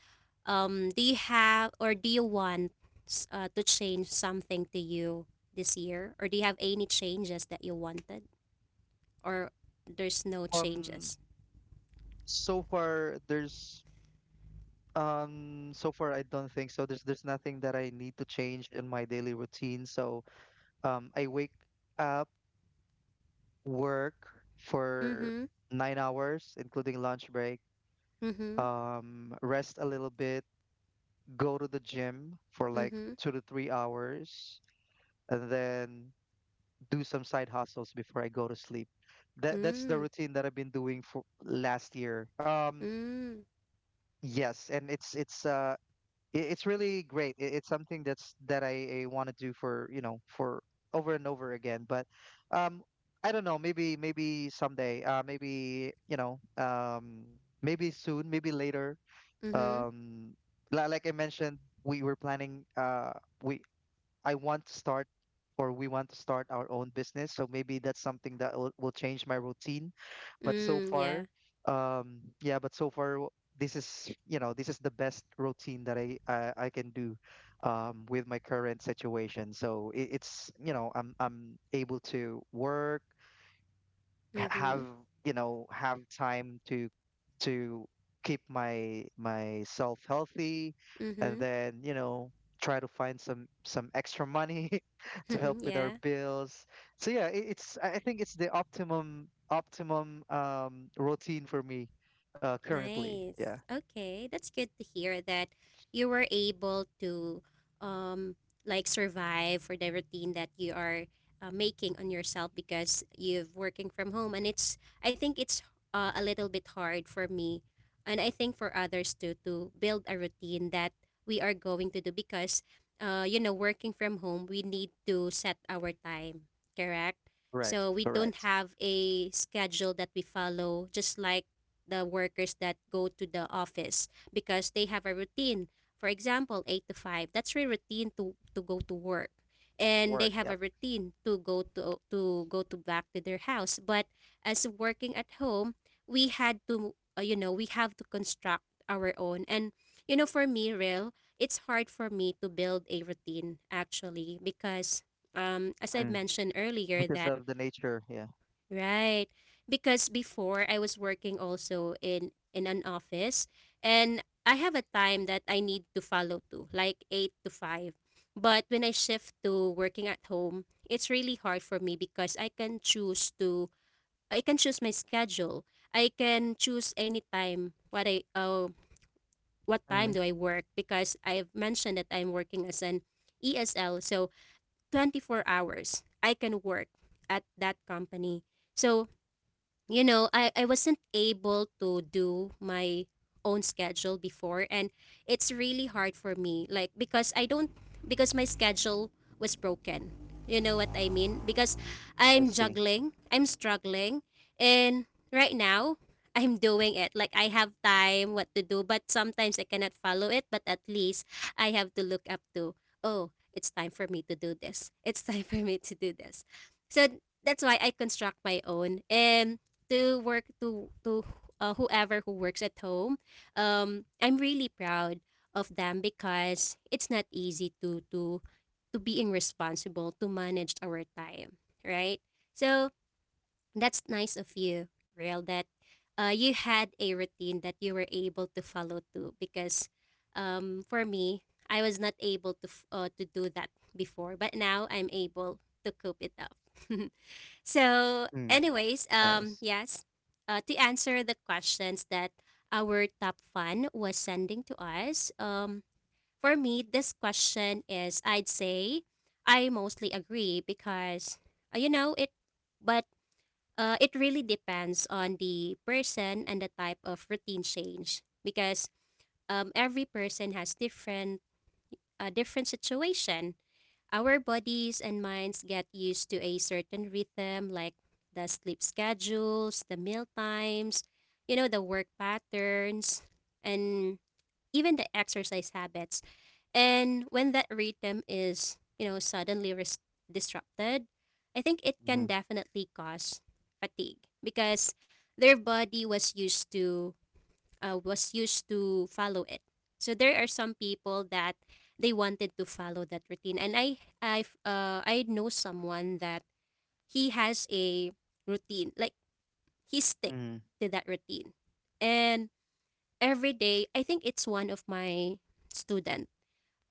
[SPEAKER 1] do you have or do you want to change something to you this year, or do you have any changes that you wanted, or there's no
[SPEAKER 2] Um,
[SPEAKER 1] changes?
[SPEAKER 2] so far there's so far I don't think so. There's nothing that I need to change in my daily routine. So I wake up, work for
[SPEAKER 1] Mm-hmm.
[SPEAKER 2] 9 hours, including lunch break,
[SPEAKER 1] Mm-hmm.
[SPEAKER 2] rest a little bit, go to the gym for like
[SPEAKER 1] Mm-hmm.
[SPEAKER 2] 2 to 3 hours, and then do some side hustles before I go to sleep. That that's the
[SPEAKER 1] Mm.
[SPEAKER 2] routine that I've been doing for last year.
[SPEAKER 1] Mm.
[SPEAKER 2] Yes, and it's it's it's really great. It's something that's that I want to do for, you know, for over and over again. But um, I don't know. Maybe maybe someday. Maybe you know. Maybe soon. Maybe later.
[SPEAKER 1] Mm-hmm.
[SPEAKER 2] Um, like I mentioned, we were planning. We, I want to start or we want to start our own business. So maybe that's something that will change my routine. But so
[SPEAKER 1] Mm.
[SPEAKER 2] far,
[SPEAKER 1] Yeah.
[SPEAKER 2] yeah, but so far, this is, you know, this is the best routine that I can do, with my current situation. So it, it's, you know, I'm able to work,
[SPEAKER 1] Mm-hmm.
[SPEAKER 2] have, you know, have time to keep my myself healthy, and
[SPEAKER 1] Mm-hmm.
[SPEAKER 2] then, you know, try to find some extra money to help with our
[SPEAKER 1] yeah.
[SPEAKER 2] bills. So yeah, it's, I think it's the optimum routine for me currently. Yeah.
[SPEAKER 1] Nice. Okay, that's good to hear that you were able to um like survive for the routine that you are making on yourself, because you've working from home and it's I think it's a little bit hard for me, and I think for others too, to build a routine that we are going to do because you know working from home we need to set our time, correct?
[SPEAKER 2] Correct.
[SPEAKER 1] So we don't
[SPEAKER 2] Correct.
[SPEAKER 1] have a schedule that we follow just like the workers that go to the office because they have a routine. For example, 8 to 5, that's their routine to go to work. And they
[SPEAKER 2] Work,
[SPEAKER 1] have
[SPEAKER 2] yep.
[SPEAKER 1] a routine to go to back to their house. But as working at home, we had to, you know, we have to construct our own. And, you know, for me, Real, it's hard for me to build a routine actually because as I've
[SPEAKER 2] Mm.
[SPEAKER 1] mentioned earlier
[SPEAKER 2] Because
[SPEAKER 1] that
[SPEAKER 2] of the nature, yeah.
[SPEAKER 1] Right. Because before I was working also in an office, and I have a time that I need to follow to, like 8 to 5. But when I shift to working at home, it's really hard for me because I can choose my schedule. I can choose any time what time
[SPEAKER 2] Mm.
[SPEAKER 1] do I work because I've mentioned that I'm working as an ESL, so 24 hours I can work at that company. So you know, I wasn't able to do my own schedule before, and it's really hard for me like because I don't because my schedule was broken. You know what I mean? Because
[SPEAKER 2] I
[SPEAKER 1] I'm
[SPEAKER 2] see.
[SPEAKER 1] juggling, I'm struggling and right now I'm doing it. Like, I have time what to do, but sometimes I cannot follow it, but at least I have to look up to, oh, it's time for me to do this. It's time for me to do this. So that's why I construct my own. And to work to whoever who works at home, I'm really proud of them because it's not easy to being responsible to manage our time, right? So that's nice of you, Real, that you had a routine that you were able to follow too. Because for me, I was not able to to do that before, but now I'm able to cope it up. So,
[SPEAKER 2] Mm.
[SPEAKER 1] anyways,
[SPEAKER 2] Nice.
[SPEAKER 1] yes, to answer the questions that our top fan was sending to us, for me, this question is, I'd say, I mostly agree because, uh, you know, it, but it really depends on the person and the type of routine change. Because every person has different, different situation. Our bodies and minds get used to a certain rhythm, like the sleep schedules, the meal times, you know, the work patterns, and even the exercise habits. And when that rhythm is, you know, suddenly disrupted, I think it
[SPEAKER 2] Mm-hmm.
[SPEAKER 1] can definitely cause fatigue, because their body was used to follow it. So there are some people that they wanted to follow that routine, and I know someone that he has a routine, like he stick
[SPEAKER 2] Mm-hmm.
[SPEAKER 1] to that routine. And every day, I think it's one of my student,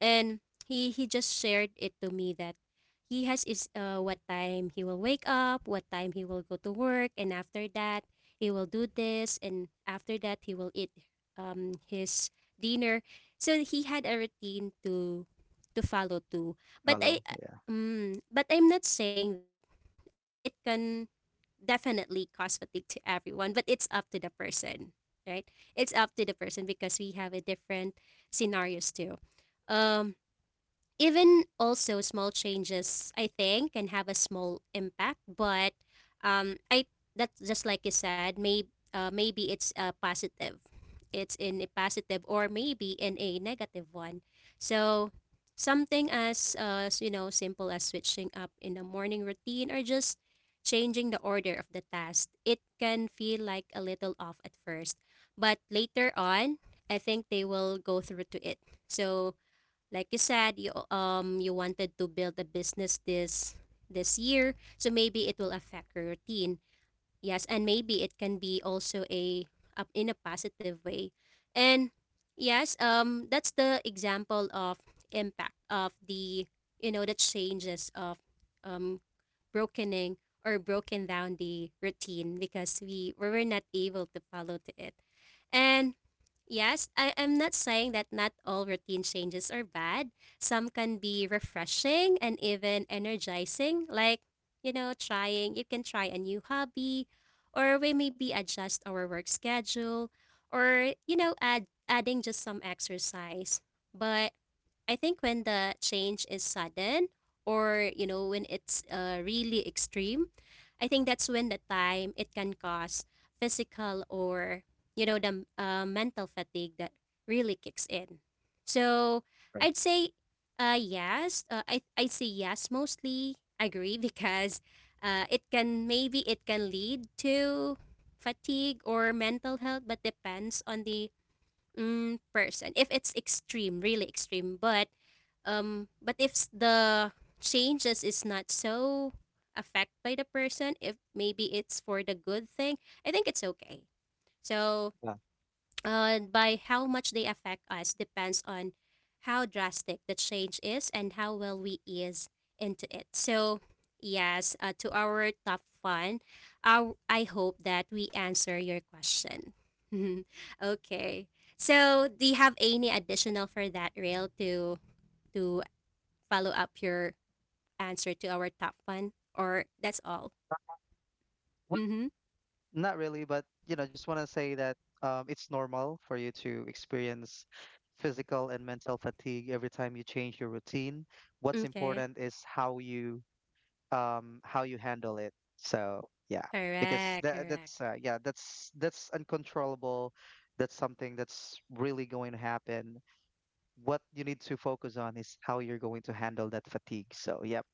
[SPEAKER 1] and he just shared it to me that he has is what time he will wake up, what time he will go to work, and after that he will do this, and after that he will eat his dinner. So he had a routine to follow too. But I
[SPEAKER 2] Hello. Yeah,
[SPEAKER 1] but I'm not saying that it can definitely cause fatigue to everyone, but it's up to the person, right? It's up to the person, because we have a different scenarios too. Um, Even also small changes, I think, can have a small impact. But I that's just like you said, may maybe it's a positive, it's in a positive or maybe in a negative one. So, something as you know, simple as switching up in the morning routine or just changing the order of the task, it can feel like a little off at first, but later on I think they will go through to it. So, like you said, you wanted to build a business this year, so maybe it will affect your routine. Yes, and maybe it can be also a up in a positive way. And yes, that's the example of impact of the, you know, the changes of um brokening or broken down the routine, because we were not able to follow to it. And yes, I'm not saying that not all routine changes are bad. Some can be refreshing and even energizing, like, you know, trying, you can try a new hobby, or we maybe adjust our work schedule, or, you know, adding just some exercise. But I think when the change is sudden, or, you know, when it's really extreme, I think that's when the time it can cause physical or, you know, the mental fatigue that really kicks in. So
[SPEAKER 2] correct.
[SPEAKER 1] I'd say, yes. I say yes, mostly agree, because, it can, maybe it can lead to fatigue or mental health, but depends on the, person. If it's extreme, really extreme. But but if the changes is not so affect by the person, if maybe it's for the good thing, I think it's okay. So
[SPEAKER 2] Yeah,
[SPEAKER 1] by how much they affect us depends on how drastic the change is and how well we ease into it. So, yes, to our top fun, our, I hope that we answer your question. Okay. So, do you have any additional for that, Rail, to follow up your answer to our top fun, or that's all? Mm-hmm.
[SPEAKER 2] not really, but you know, just want to say that it's normal for you to experience physical and mental fatigue every time you change your routine. What's
[SPEAKER 1] Okay.
[SPEAKER 2] important is how you handle it. So yeah, because
[SPEAKER 1] Correct.
[SPEAKER 2] that
[SPEAKER 1] Correct.
[SPEAKER 2] that's uh, yeah that's that's uncontrollable. That's something that's really going to happen. What you need to focus on is how you're going to handle that fatigue. So yep,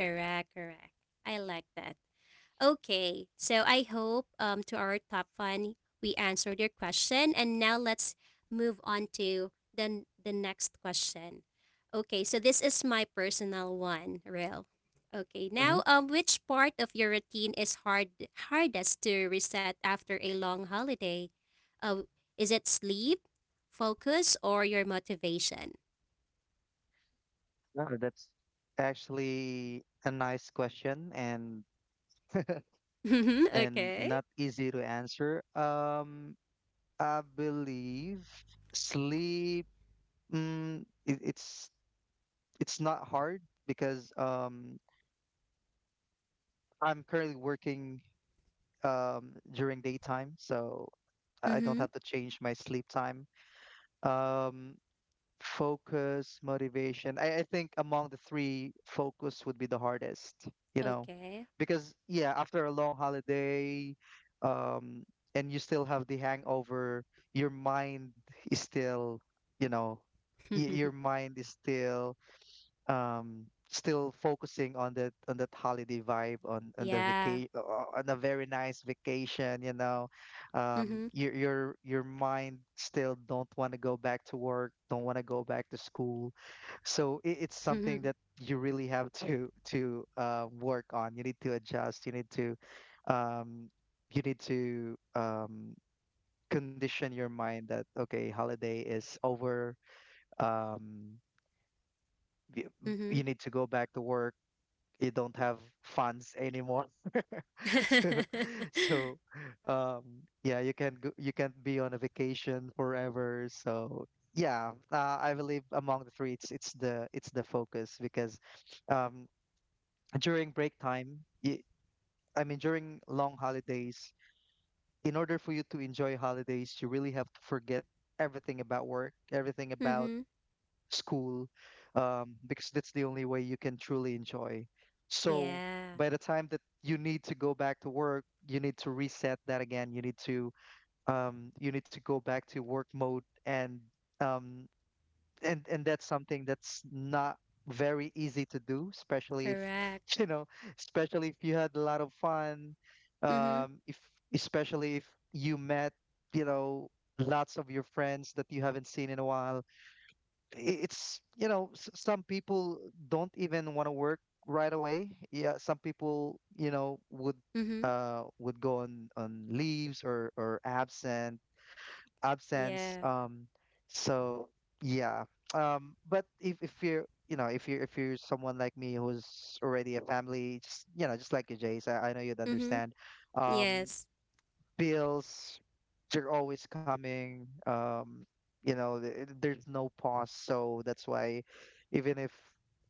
[SPEAKER 1] Correct. Correct. I like that. Okay, so I hope, to our top one, we answered your question, and now let's move on to the the next question. Okay, so this is my personal one, Real. Okay,
[SPEAKER 2] hmm,
[SPEAKER 1] now, which part of your routine is hard, hardest to reset after a long holiday? Uh, is it sleep, focus, or your motivation?
[SPEAKER 2] that's actually a nice question and
[SPEAKER 1] Mm-hmm, okay.
[SPEAKER 2] not easy to answer. I believe sleep. Mm, it, it's it's not hard because I'm currently working during daytime, so I don't
[SPEAKER 1] Mm-hmm,
[SPEAKER 2] have to change my sleep time. Um, focus, motivation. I think among the three, focus would be the hardest, you know,
[SPEAKER 1] okay.
[SPEAKER 2] because yeah, after a long holiday, um, and you still have the hangover, your mind is still, you know, your mind is still still focusing on that, on that holiday vibe, on the vacation,
[SPEAKER 1] Yeah.
[SPEAKER 2] on a very nice vacation, you know. um
[SPEAKER 1] Mm-hmm.
[SPEAKER 2] your your your mind still don't want to go back to work, don't want to go back to school. So it's something that you really have to work on. You need to adjust, um you need to condition your mind that okay, holiday is over. um y-
[SPEAKER 1] Mm-hmm.
[SPEAKER 2] you need to go back to work. You don't have funds anymore. So, so, um, yeah, you can't be on a vacation forever. So yeah, I believe among the three, it's the focus because, um, during break time, y I mean during long holidays, in order for you to enjoy holidays, you really have to forget everything about work, everything about
[SPEAKER 1] Mhm.
[SPEAKER 2] school, because that's the only way you can truly enjoy. So
[SPEAKER 1] Yeah.
[SPEAKER 2] by the time that you need to go back to work, you need to reset that again. You need to go back to work mode, and um, and that's something that's not very easy to do, especially if
[SPEAKER 1] Correct.
[SPEAKER 2] you know, especially if you had a lot of fun,
[SPEAKER 1] Mhm.
[SPEAKER 2] if especially if you met, you know, lots of your friends that you haven't seen in a while. It's you know, some people don't even want to work right away. Yeah, some people, you know,
[SPEAKER 1] Mhm.
[SPEAKER 2] would go on leaves, or absent, absence.
[SPEAKER 1] Yeah.
[SPEAKER 2] So yeah, um, but if you're, you know, if you're someone like me who's already a family, just, you know, just like you, Jace, I know you'd
[SPEAKER 1] Mhm.
[SPEAKER 2] understand. Um,
[SPEAKER 1] Yes.
[SPEAKER 2] bills, they're always coming. Um, you know, there's no pause, so that's why even if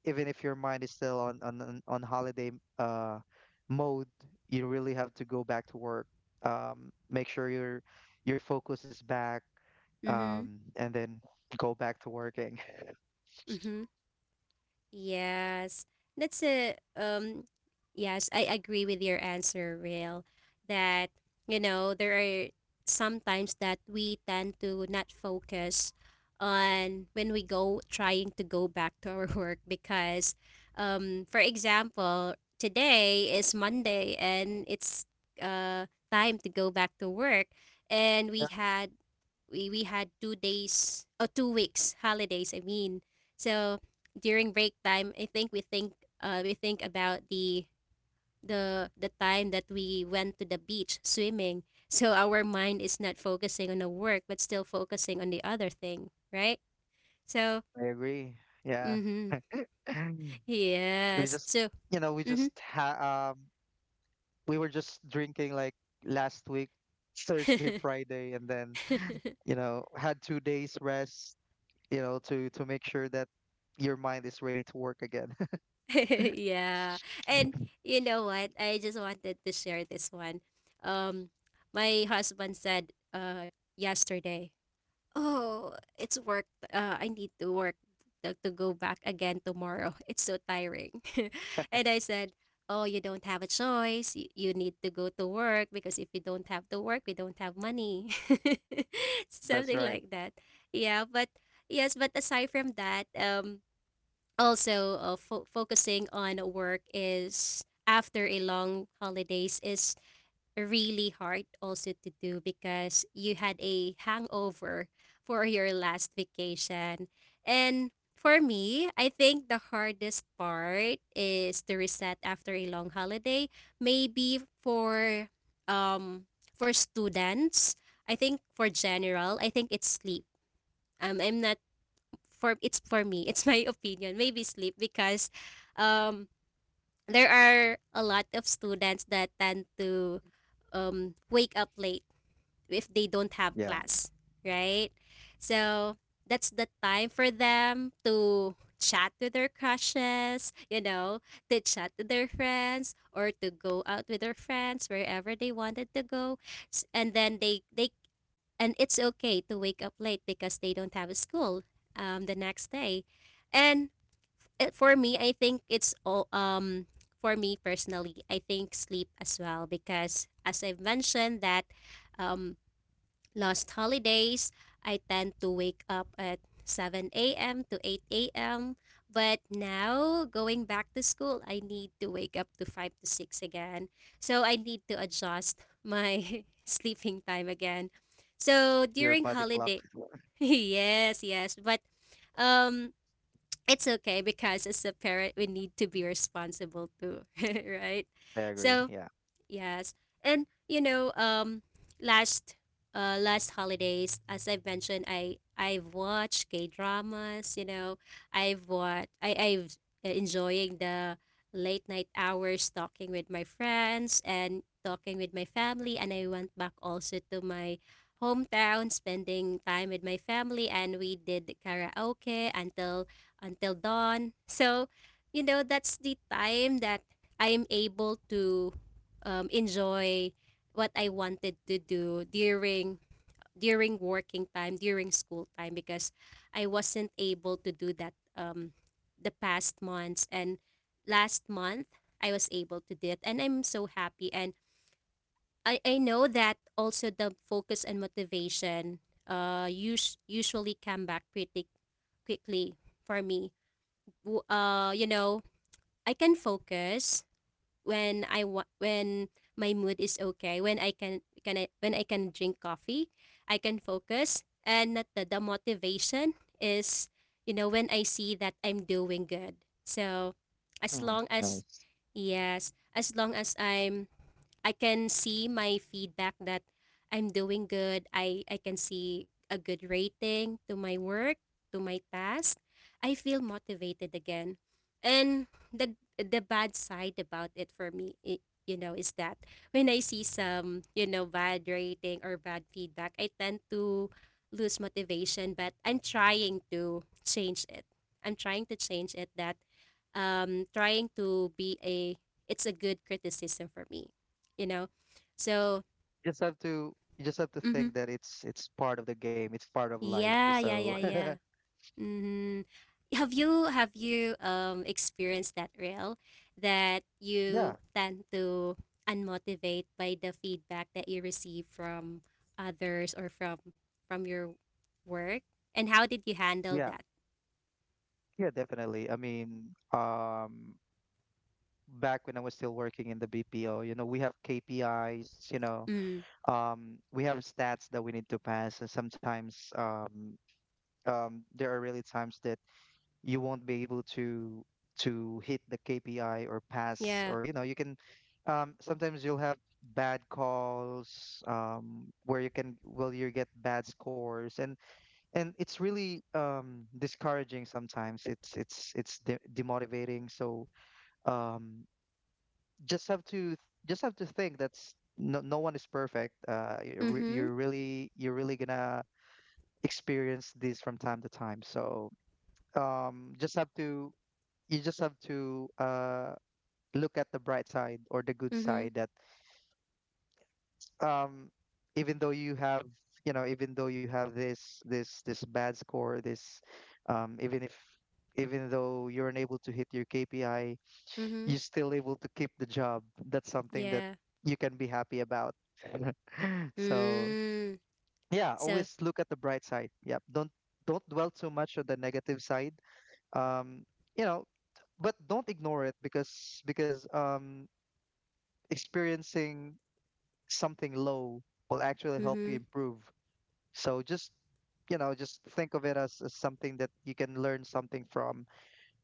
[SPEAKER 2] your mind is still on holiday uh mode, you really have to go back to work, um, make sure your focus is back,
[SPEAKER 1] Mhm.
[SPEAKER 2] um, and then go back to working.
[SPEAKER 1] Mhm. Yes, that's a. Yes, I agree with your answer, Real. That, you know, there are sometimes that we tend to not focus on when we go trying to go back to our work. Because, for example, today is Monday and it's time to go back to work, and
[SPEAKER 2] Yeah,
[SPEAKER 1] we had 2 days or 2 weeks holidays. I mean, so during break time, I think we think about the the time that we went to the beach swimming. So our mind is not focusing on the work, but still focusing on the other thing, right? So,
[SPEAKER 2] I agree. Yeah.
[SPEAKER 1] mm-hmm.
[SPEAKER 2] we
[SPEAKER 1] Yes.
[SPEAKER 2] just
[SPEAKER 1] So,
[SPEAKER 2] you know, we
[SPEAKER 1] mm-hmm.
[SPEAKER 2] just ha- we were just drinking like last week, Thursday, Friday, and then, you know, had 2 days rest, you know, to make sure that your mind is ready to work again.
[SPEAKER 1] Yeah. And you know what? I just wanted to share this one. Um, my husband said yesterday, oh, it's work. I need to work to go back again tomorrow. It's so tiring. And I said, oh, you don't have a choice. You need to go to work, because if you don't have to work, we don't have money. Something
[SPEAKER 2] That's right.
[SPEAKER 1] like that. Yeah, but yes, but aside from that, also focusing on work is after a long holidays is really hard also to do, because you had a hangover for your last vacation. And for me, I think the hardest part is to reset after a long holiday. Maybe um for students, I think for general, I think it's sleep. I'm not for it's for me. It's my opinion. Maybe sleep, because um there are a lot of students that tend to wake up late if they don't have
[SPEAKER 2] Yeah.
[SPEAKER 1] class, right? So that's the time for them to chat with their crushes, you know, to chat with their friends or to go out with their friends wherever they wanted to go. And then they and it's okay to wake up late because they don't have a school the next day. And it, for me, I think it's all for me personally, I think sleep as well, because as I've mentioned that um last holidays, I tend to wake up at 7 a.m. to 8 a.m. But now, going back to school, I need to wake up to 5 to 6 again. So I need to adjust my sleeping time again. So
[SPEAKER 2] Your
[SPEAKER 1] during
[SPEAKER 2] body clock.
[SPEAKER 1] holiday, yes, yes. But um, it's okay because as a parent, we need to be responsible too, right?
[SPEAKER 2] I agree.
[SPEAKER 1] So
[SPEAKER 2] Yeah.
[SPEAKER 1] yes. And you know, last last holidays, as I've mentioned, I I've watched K-dramas, you know. I've watched I I've enjoying the late night hours talking with my friends and talking with my family, and I went back also to my hometown spending time with my family, and we did karaoke until dawn. So, you know, that's the time that I'm able to enjoy what I wanted to do during during working time, during school time, because I wasn't able to do that the past months. And last month, I was able to do it, and I'm so happy. And I know that also the focus and motivation usually come back pretty quickly for me. You know, I can focus when I want, when my mood is okay, when I can drink coffee, I can focus. And not the, the motivation is, you know, when I see that I'm doing good. So, as
[SPEAKER 2] Mm.
[SPEAKER 1] long as,
[SPEAKER 2] Nice.
[SPEAKER 1] yes, as long as I can see my feedback that I'm doing good. I can see a good rating to my work, to my task. I feel motivated again. And the the bad side about it for me, I you know, is that when I see some, you know, bad rating or bad feedback, I tend to lose motivation. But I'm trying to change it. I'm trying to change it. That trying to be a, it's a good criticism for me, you know. So
[SPEAKER 2] You just have to
[SPEAKER 1] hmm
[SPEAKER 2] think that it's part of the game, it's part of life.
[SPEAKER 1] yeah, yeah,
[SPEAKER 2] So
[SPEAKER 1] yeah, yeah. Mm, have you have you experienced that, Real, that you
[SPEAKER 2] yeah.
[SPEAKER 1] tend to unmotivate by the feedback that you receive from others or from your work? And how did you handle
[SPEAKER 2] Yeah,
[SPEAKER 1] that?
[SPEAKER 2] yeah, definitely. I mean, back when I was still working in the BPO, you know, we have KPIs, you know,
[SPEAKER 1] Mm,
[SPEAKER 2] we have stats that we need to pass, and sometimes there are really times that you won't be able to hit the KPI or pass,
[SPEAKER 1] yeah.
[SPEAKER 2] or you know, you can. Sometimes you'll have bad calls, where you can, well, you get bad scores, and it's really, discouraging. Sometimes it's demotivating. So um, just have to think that's no, no one is perfect. You're,
[SPEAKER 1] Mhm.
[SPEAKER 2] you're really, you're really gonna experience this from time to time. So um, just have to, you just have to look at the bright side, or the good side
[SPEAKER 1] Mhm.
[SPEAKER 2] that um, even though you have, you know, even though you have this bad score, this um, even if even though you're unable to hit your KPI,
[SPEAKER 1] Mhm.
[SPEAKER 2] you're still able to keep the job. That's something that
[SPEAKER 1] Yeah.
[SPEAKER 2] you can be happy about. So
[SPEAKER 1] Mm.
[SPEAKER 2] yeah,
[SPEAKER 1] So.
[SPEAKER 2] always look at the bright side. Yep. Don't dwell too much on the negative side. Um, you know, but don't ignore it because experiencing something low will actually help you
[SPEAKER 1] Mhm.
[SPEAKER 2] improve. So just, you know, just think of it as something that you can learn something from,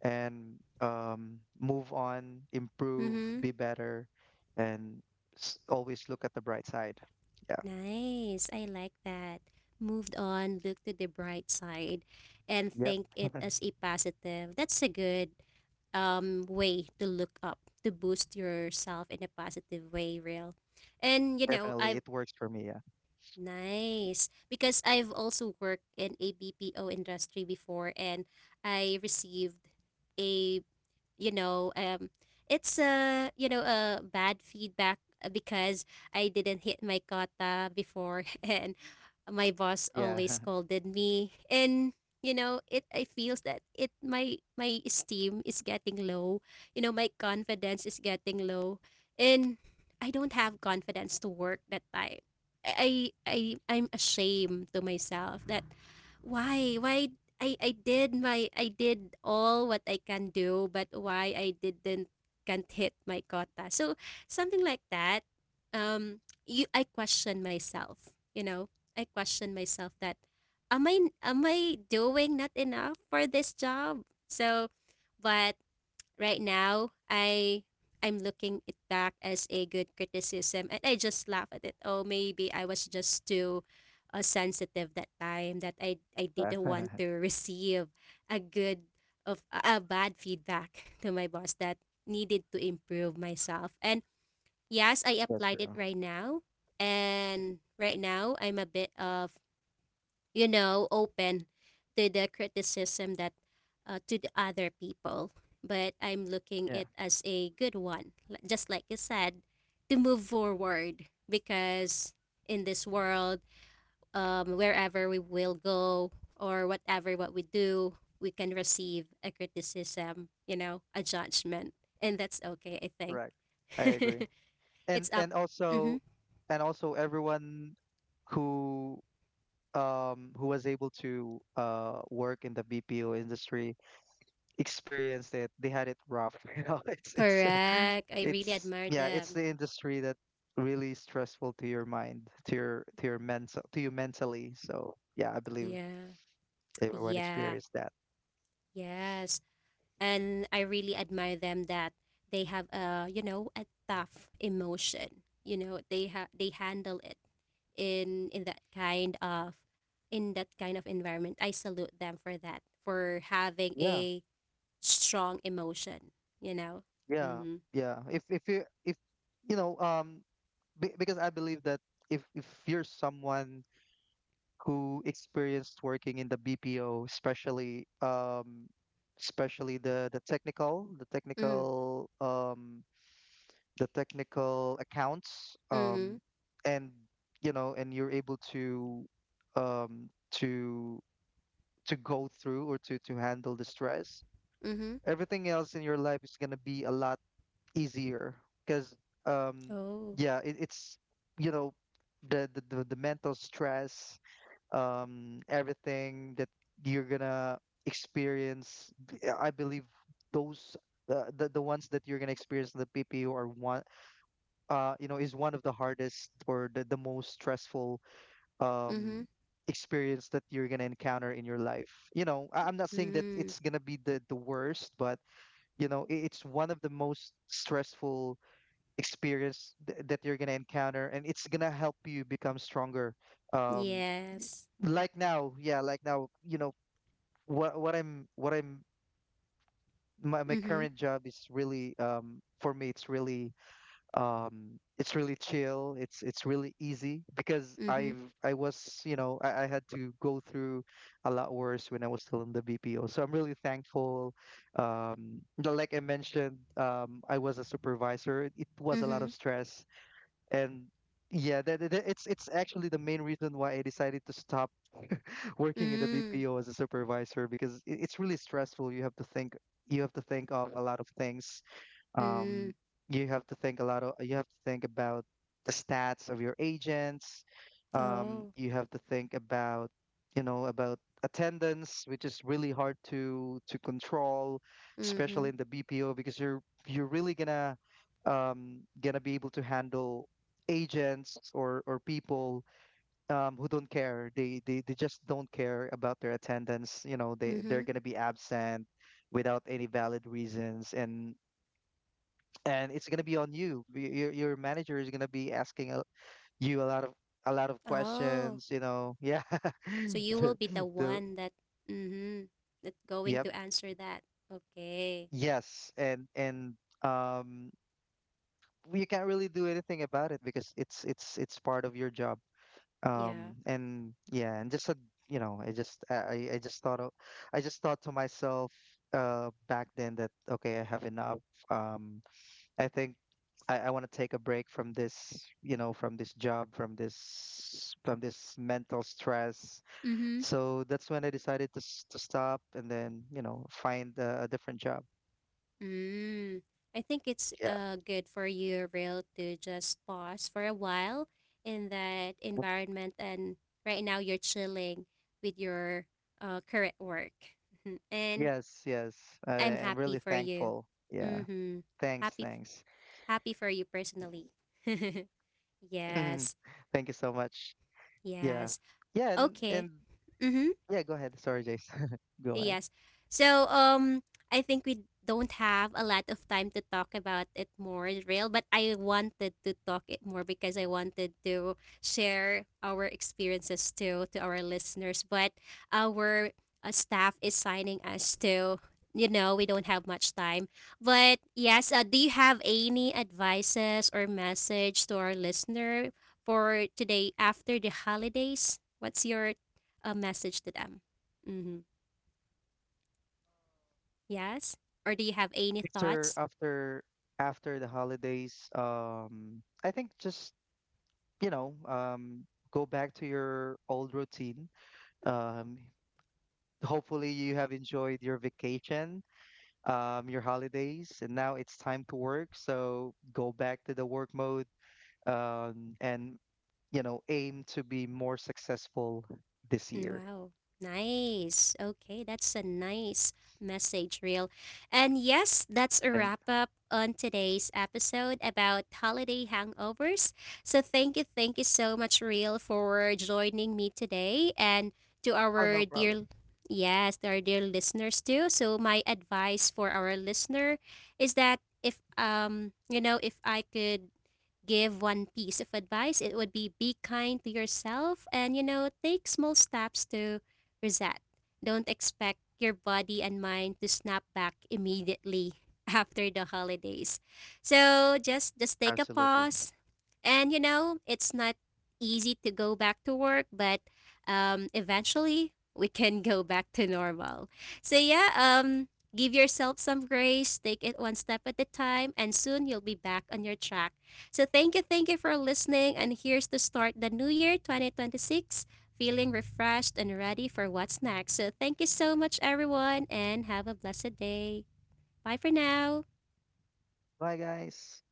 [SPEAKER 2] and um, move on, improve,
[SPEAKER 1] Mhm.
[SPEAKER 2] be better, and always look at the bright side. Yeah.
[SPEAKER 1] Nice, I like that. Moved on, look to the bright side, and
[SPEAKER 2] Yep.
[SPEAKER 1] think it as a positive. That's a good, way to look up, to boost yourself in a positive way, real. And, you know,
[SPEAKER 2] Definitely.
[SPEAKER 1] I've
[SPEAKER 2] It works for me. Yeah.
[SPEAKER 1] Nice, because I've also worked in a BPO industry before and I received a, you know um it's a, a bad feedback because I didn't hit my quota before and my boss always
[SPEAKER 2] Yeah.
[SPEAKER 1] scolded me and it I feels that it my my esteem is getting low, you know, my confidence is getting low and I don't have confidence to work that time. I'm ashamed to myself that why I did my I did all what I can do, but why I didn't can't hit my quota. So something like that. You I question myself. You know, I question myself that am I doing not enough for this job? So, but right now I'm looking it back as a good criticism and I just laugh at it. Oh, maybe I was just too sensitive that time that i
[SPEAKER 2] Right.
[SPEAKER 1] didn't want to receive a good of a bad feedback to my boss that needed to improve myself, and yes I
[SPEAKER 2] That's
[SPEAKER 1] applied it
[SPEAKER 2] true.
[SPEAKER 1] right now. And right now I'm a bit of, you know, open to the criticism that to the other people. But I'm looking
[SPEAKER 2] Yeah,
[SPEAKER 1] it as a good one, just like you said, to move forward because in this world, wherever we will go or whatever what we do, we can receive a criticism, you know, a judgment, and that's okay. I think
[SPEAKER 2] correct. I agree.
[SPEAKER 1] it's up.
[SPEAKER 2] And
[SPEAKER 1] Hmm.
[SPEAKER 2] also everyone who who was able to work in the BPO industry experienced it. They had it rough, you know. It's
[SPEAKER 1] Correct, I really
[SPEAKER 2] it's,
[SPEAKER 1] admire
[SPEAKER 2] yeah, it's
[SPEAKER 1] them.
[SPEAKER 2] the industry that really stressful to your mind, to your mental to you mentally. So yeah, I believe
[SPEAKER 1] Yeah.
[SPEAKER 2] everyone
[SPEAKER 1] Yeah.
[SPEAKER 2] experienced that.
[SPEAKER 1] Yes. And I really admire them that they have a, you know, a tough emotion. You know, they handle it in that kind of in that kind of environment. I salute them for that, for having
[SPEAKER 2] Yeah,
[SPEAKER 1] a strong emotion, you know.
[SPEAKER 2] yeah,
[SPEAKER 1] Mhm.
[SPEAKER 2] yeah. If you know, um, because I believe that if you're someone who experienced working in the BPO, especially um, especially the
[SPEAKER 1] Mm.
[SPEAKER 2] technical um, the technical accounts, um,
[SPEAKER 1] Mhm.
[SPEAKER 2] and you know, and you're able to um to to go through or to handle the stress,
[SPEAKER 1] Mhm.
[SPEAKER 2] everything else in your life is going to be a lot easier because um,
[SPEAKER 1] Oh.
[SPEAKER 2] yeah, it's you know, the, the the mental stress, um, everything that you're gonna experience, I believe those, the ones that you're gonna experience in the PPU are one, you know, is one of the hardest or the most stressful
[SPEAKER 1] Mhm.
[SPEAKER 2] um, experience that you're gonna encounter in your life, you know. I'm not saying that
[SPEAKER 1] Mm.
[SPEAKER 2] it's gonna be the worst, but you know, it's one of the most stressful experience that you're gonna encounter, and it's gonna help you become stronger. Um, y-
[SPEAKER 1] Yes.
[SPEAKER 2] like now, yeah, like now, you know, what I'm my, my
[SPEAKER 1] Mhm.
[SPEAKER 2] current job is really, um, for me it's really um, it's really chill. It's really easy because
[SPEAKER 1] Mhm.
[SPEAKER 2] I was, you know, I had to go through a lot worse when I was still in the BPO, so I'm really thankful. Like I mentioned, um, I was a supervisor. It was a lot
[SPEAKER 1] Mhm.
[SPEAKER 2] of stress, and yeah, it's actually the main reason why I decided to stop working in the
[SPEAKER 1] Mm.
[SPEAKER 2] BPO as a supervisor, because it's really stressful. You have to think, you have to think of a lot of things,
[SPEAKER 1] Mm.
[SPEAKER 2] um, you have to think a lot of you have to think about the stats of your agents,
[SPEAKER 1] Oh.
[SPEAKER 2] you have to think about, you know, about attendance, which is really hard to control, especially
[SPEAKER 1] Mhm.
[SPEAKER 2] in the BPO, because you're really gonna, gonna be able to handle agents or people, who don't care. They they just don't care about their attendance. You know, they're
[SPEAKER 1] Mhm.
[SPEAKER 2] gonna be absent without any valid reasons, and it's gonna be on you. Your manager is gonna be asking you a lot of
[SPEAKER 1] Oh,
[SPEAKER 2] questions. You know. Yeah.
[SPEAKER 1] so you will
[SPEAKER 2] The,
[SPEAKER 1] be the
[SPEAKER 2] the
[SPEAKER 1] one that, mm-hmm, that going to
[SPEAKER 2] yep,
[SPEAKER 1] answer that. Okay.
[SPEAKER 2] yes, and um, well, you can't really do anything about it because it's part of your job.
[SPEAKER 1] Yeah.
[SPEAKER 2] And yeah, and just you know, I just thought of, I just thought to myself, back then that okay, I have enough. Um, I think I want to take a break from this, you know, from this job, from this mental stress.
[SPEAKER 1] Mm-hmm.
[SPEAKER 2] So that's when I decided to to stop and then, you know, find a different job.
[SPEAKER 1] Mm. I think it's
[SPEAKER 2] Yeah.
[SPEAKER 1] good for you, Real, to just pause for a while in that environment, and right now you're chilling with your current work. Mhm. And
[SPEAKER 2] Yes, yes. I
[SPEAKER 1] I'm
[SPEAKER 2] am
[SPEAKER 1] happy
[SPEAKER 2] really
[SPEAKER 1] for you.
[SPEAKER 2] thankful. Yeah.
[SPEAKER 1] Mm-hmm.
[SPEAKER 2] Thanks,
[SPEAKER 1] Happy f-
[SPEAKER 2] thanks.
[SPEAKER 1] happy for you personally. Yes.
[SPEAKER 2] Thank you so much. Yeah.
[SPEAKER 1] Yes.
[SPEAKER 2] Yeah, and
[SPEAKER 1] Okay. Mm-hmm.
[SPEAKER 2] yeah, go ahead. Sorry, Jace. Go ahead.
[SPEAKER 1] Yes. So I think we don't have a lot of time to talk about it more, real, but I wanted to talk it more because I wanted to share our experiences too to our listeners. But our staff is signing us to, you know, we don't have much time, but yes, do you have any advices or message to our listener for today after the holidays? What's your message to them? Mm-hmm. Yes? Or do you have any
[SPEAKER 2] After
[SPEAKER 1] thoughts?
[SPEAKER 2] after After the holidays, I think just, you know, go back to your old routine. Um, hopefully, you have enjoyed your vacation, your holidays, and now it's time to work. So go back to the work mode, and you know, aim to be more successful this
[SPEAKER 1] Mm.
[SPEAKER 2] year.
[SPEAKER 1] Wow. Nice. Okay, that's a nice message, real. And yes, that's a
[SPEAKER 2] Thank.
[SPEAKER 1] wrap up on today's episode about holiday hangovers. So thank you so much, real, for joining me today and to
[SPEAKER 2] Oh, no
[SPEAKER 1] our dear,
[SPEAKER 2] problem.
[SPEAKER 1] yes, to our dear listeners too. So my advice for our listener is that if you know, if I could give one piece of advice, it would be kind to yourself and, you know, take small steps to reset. Don't expect your body and mind to snap back immediately after the holidays. So just take a
[SPEAKER 2] Absolutely.
[SPEAKER 1] pause. And you know, it's not easy to go back to work, but eventually we can go back to normal. So yeah, give yourself some grace, take it one step at a time, and soon you'll be back on your track. So thank you for listening. And here's to start the new year 2026 feeling refreshed and ready for what's next. So thank you so much, everyone, and have a blessed day. Bye for now.
[SPEAKER 2] Bye, guys.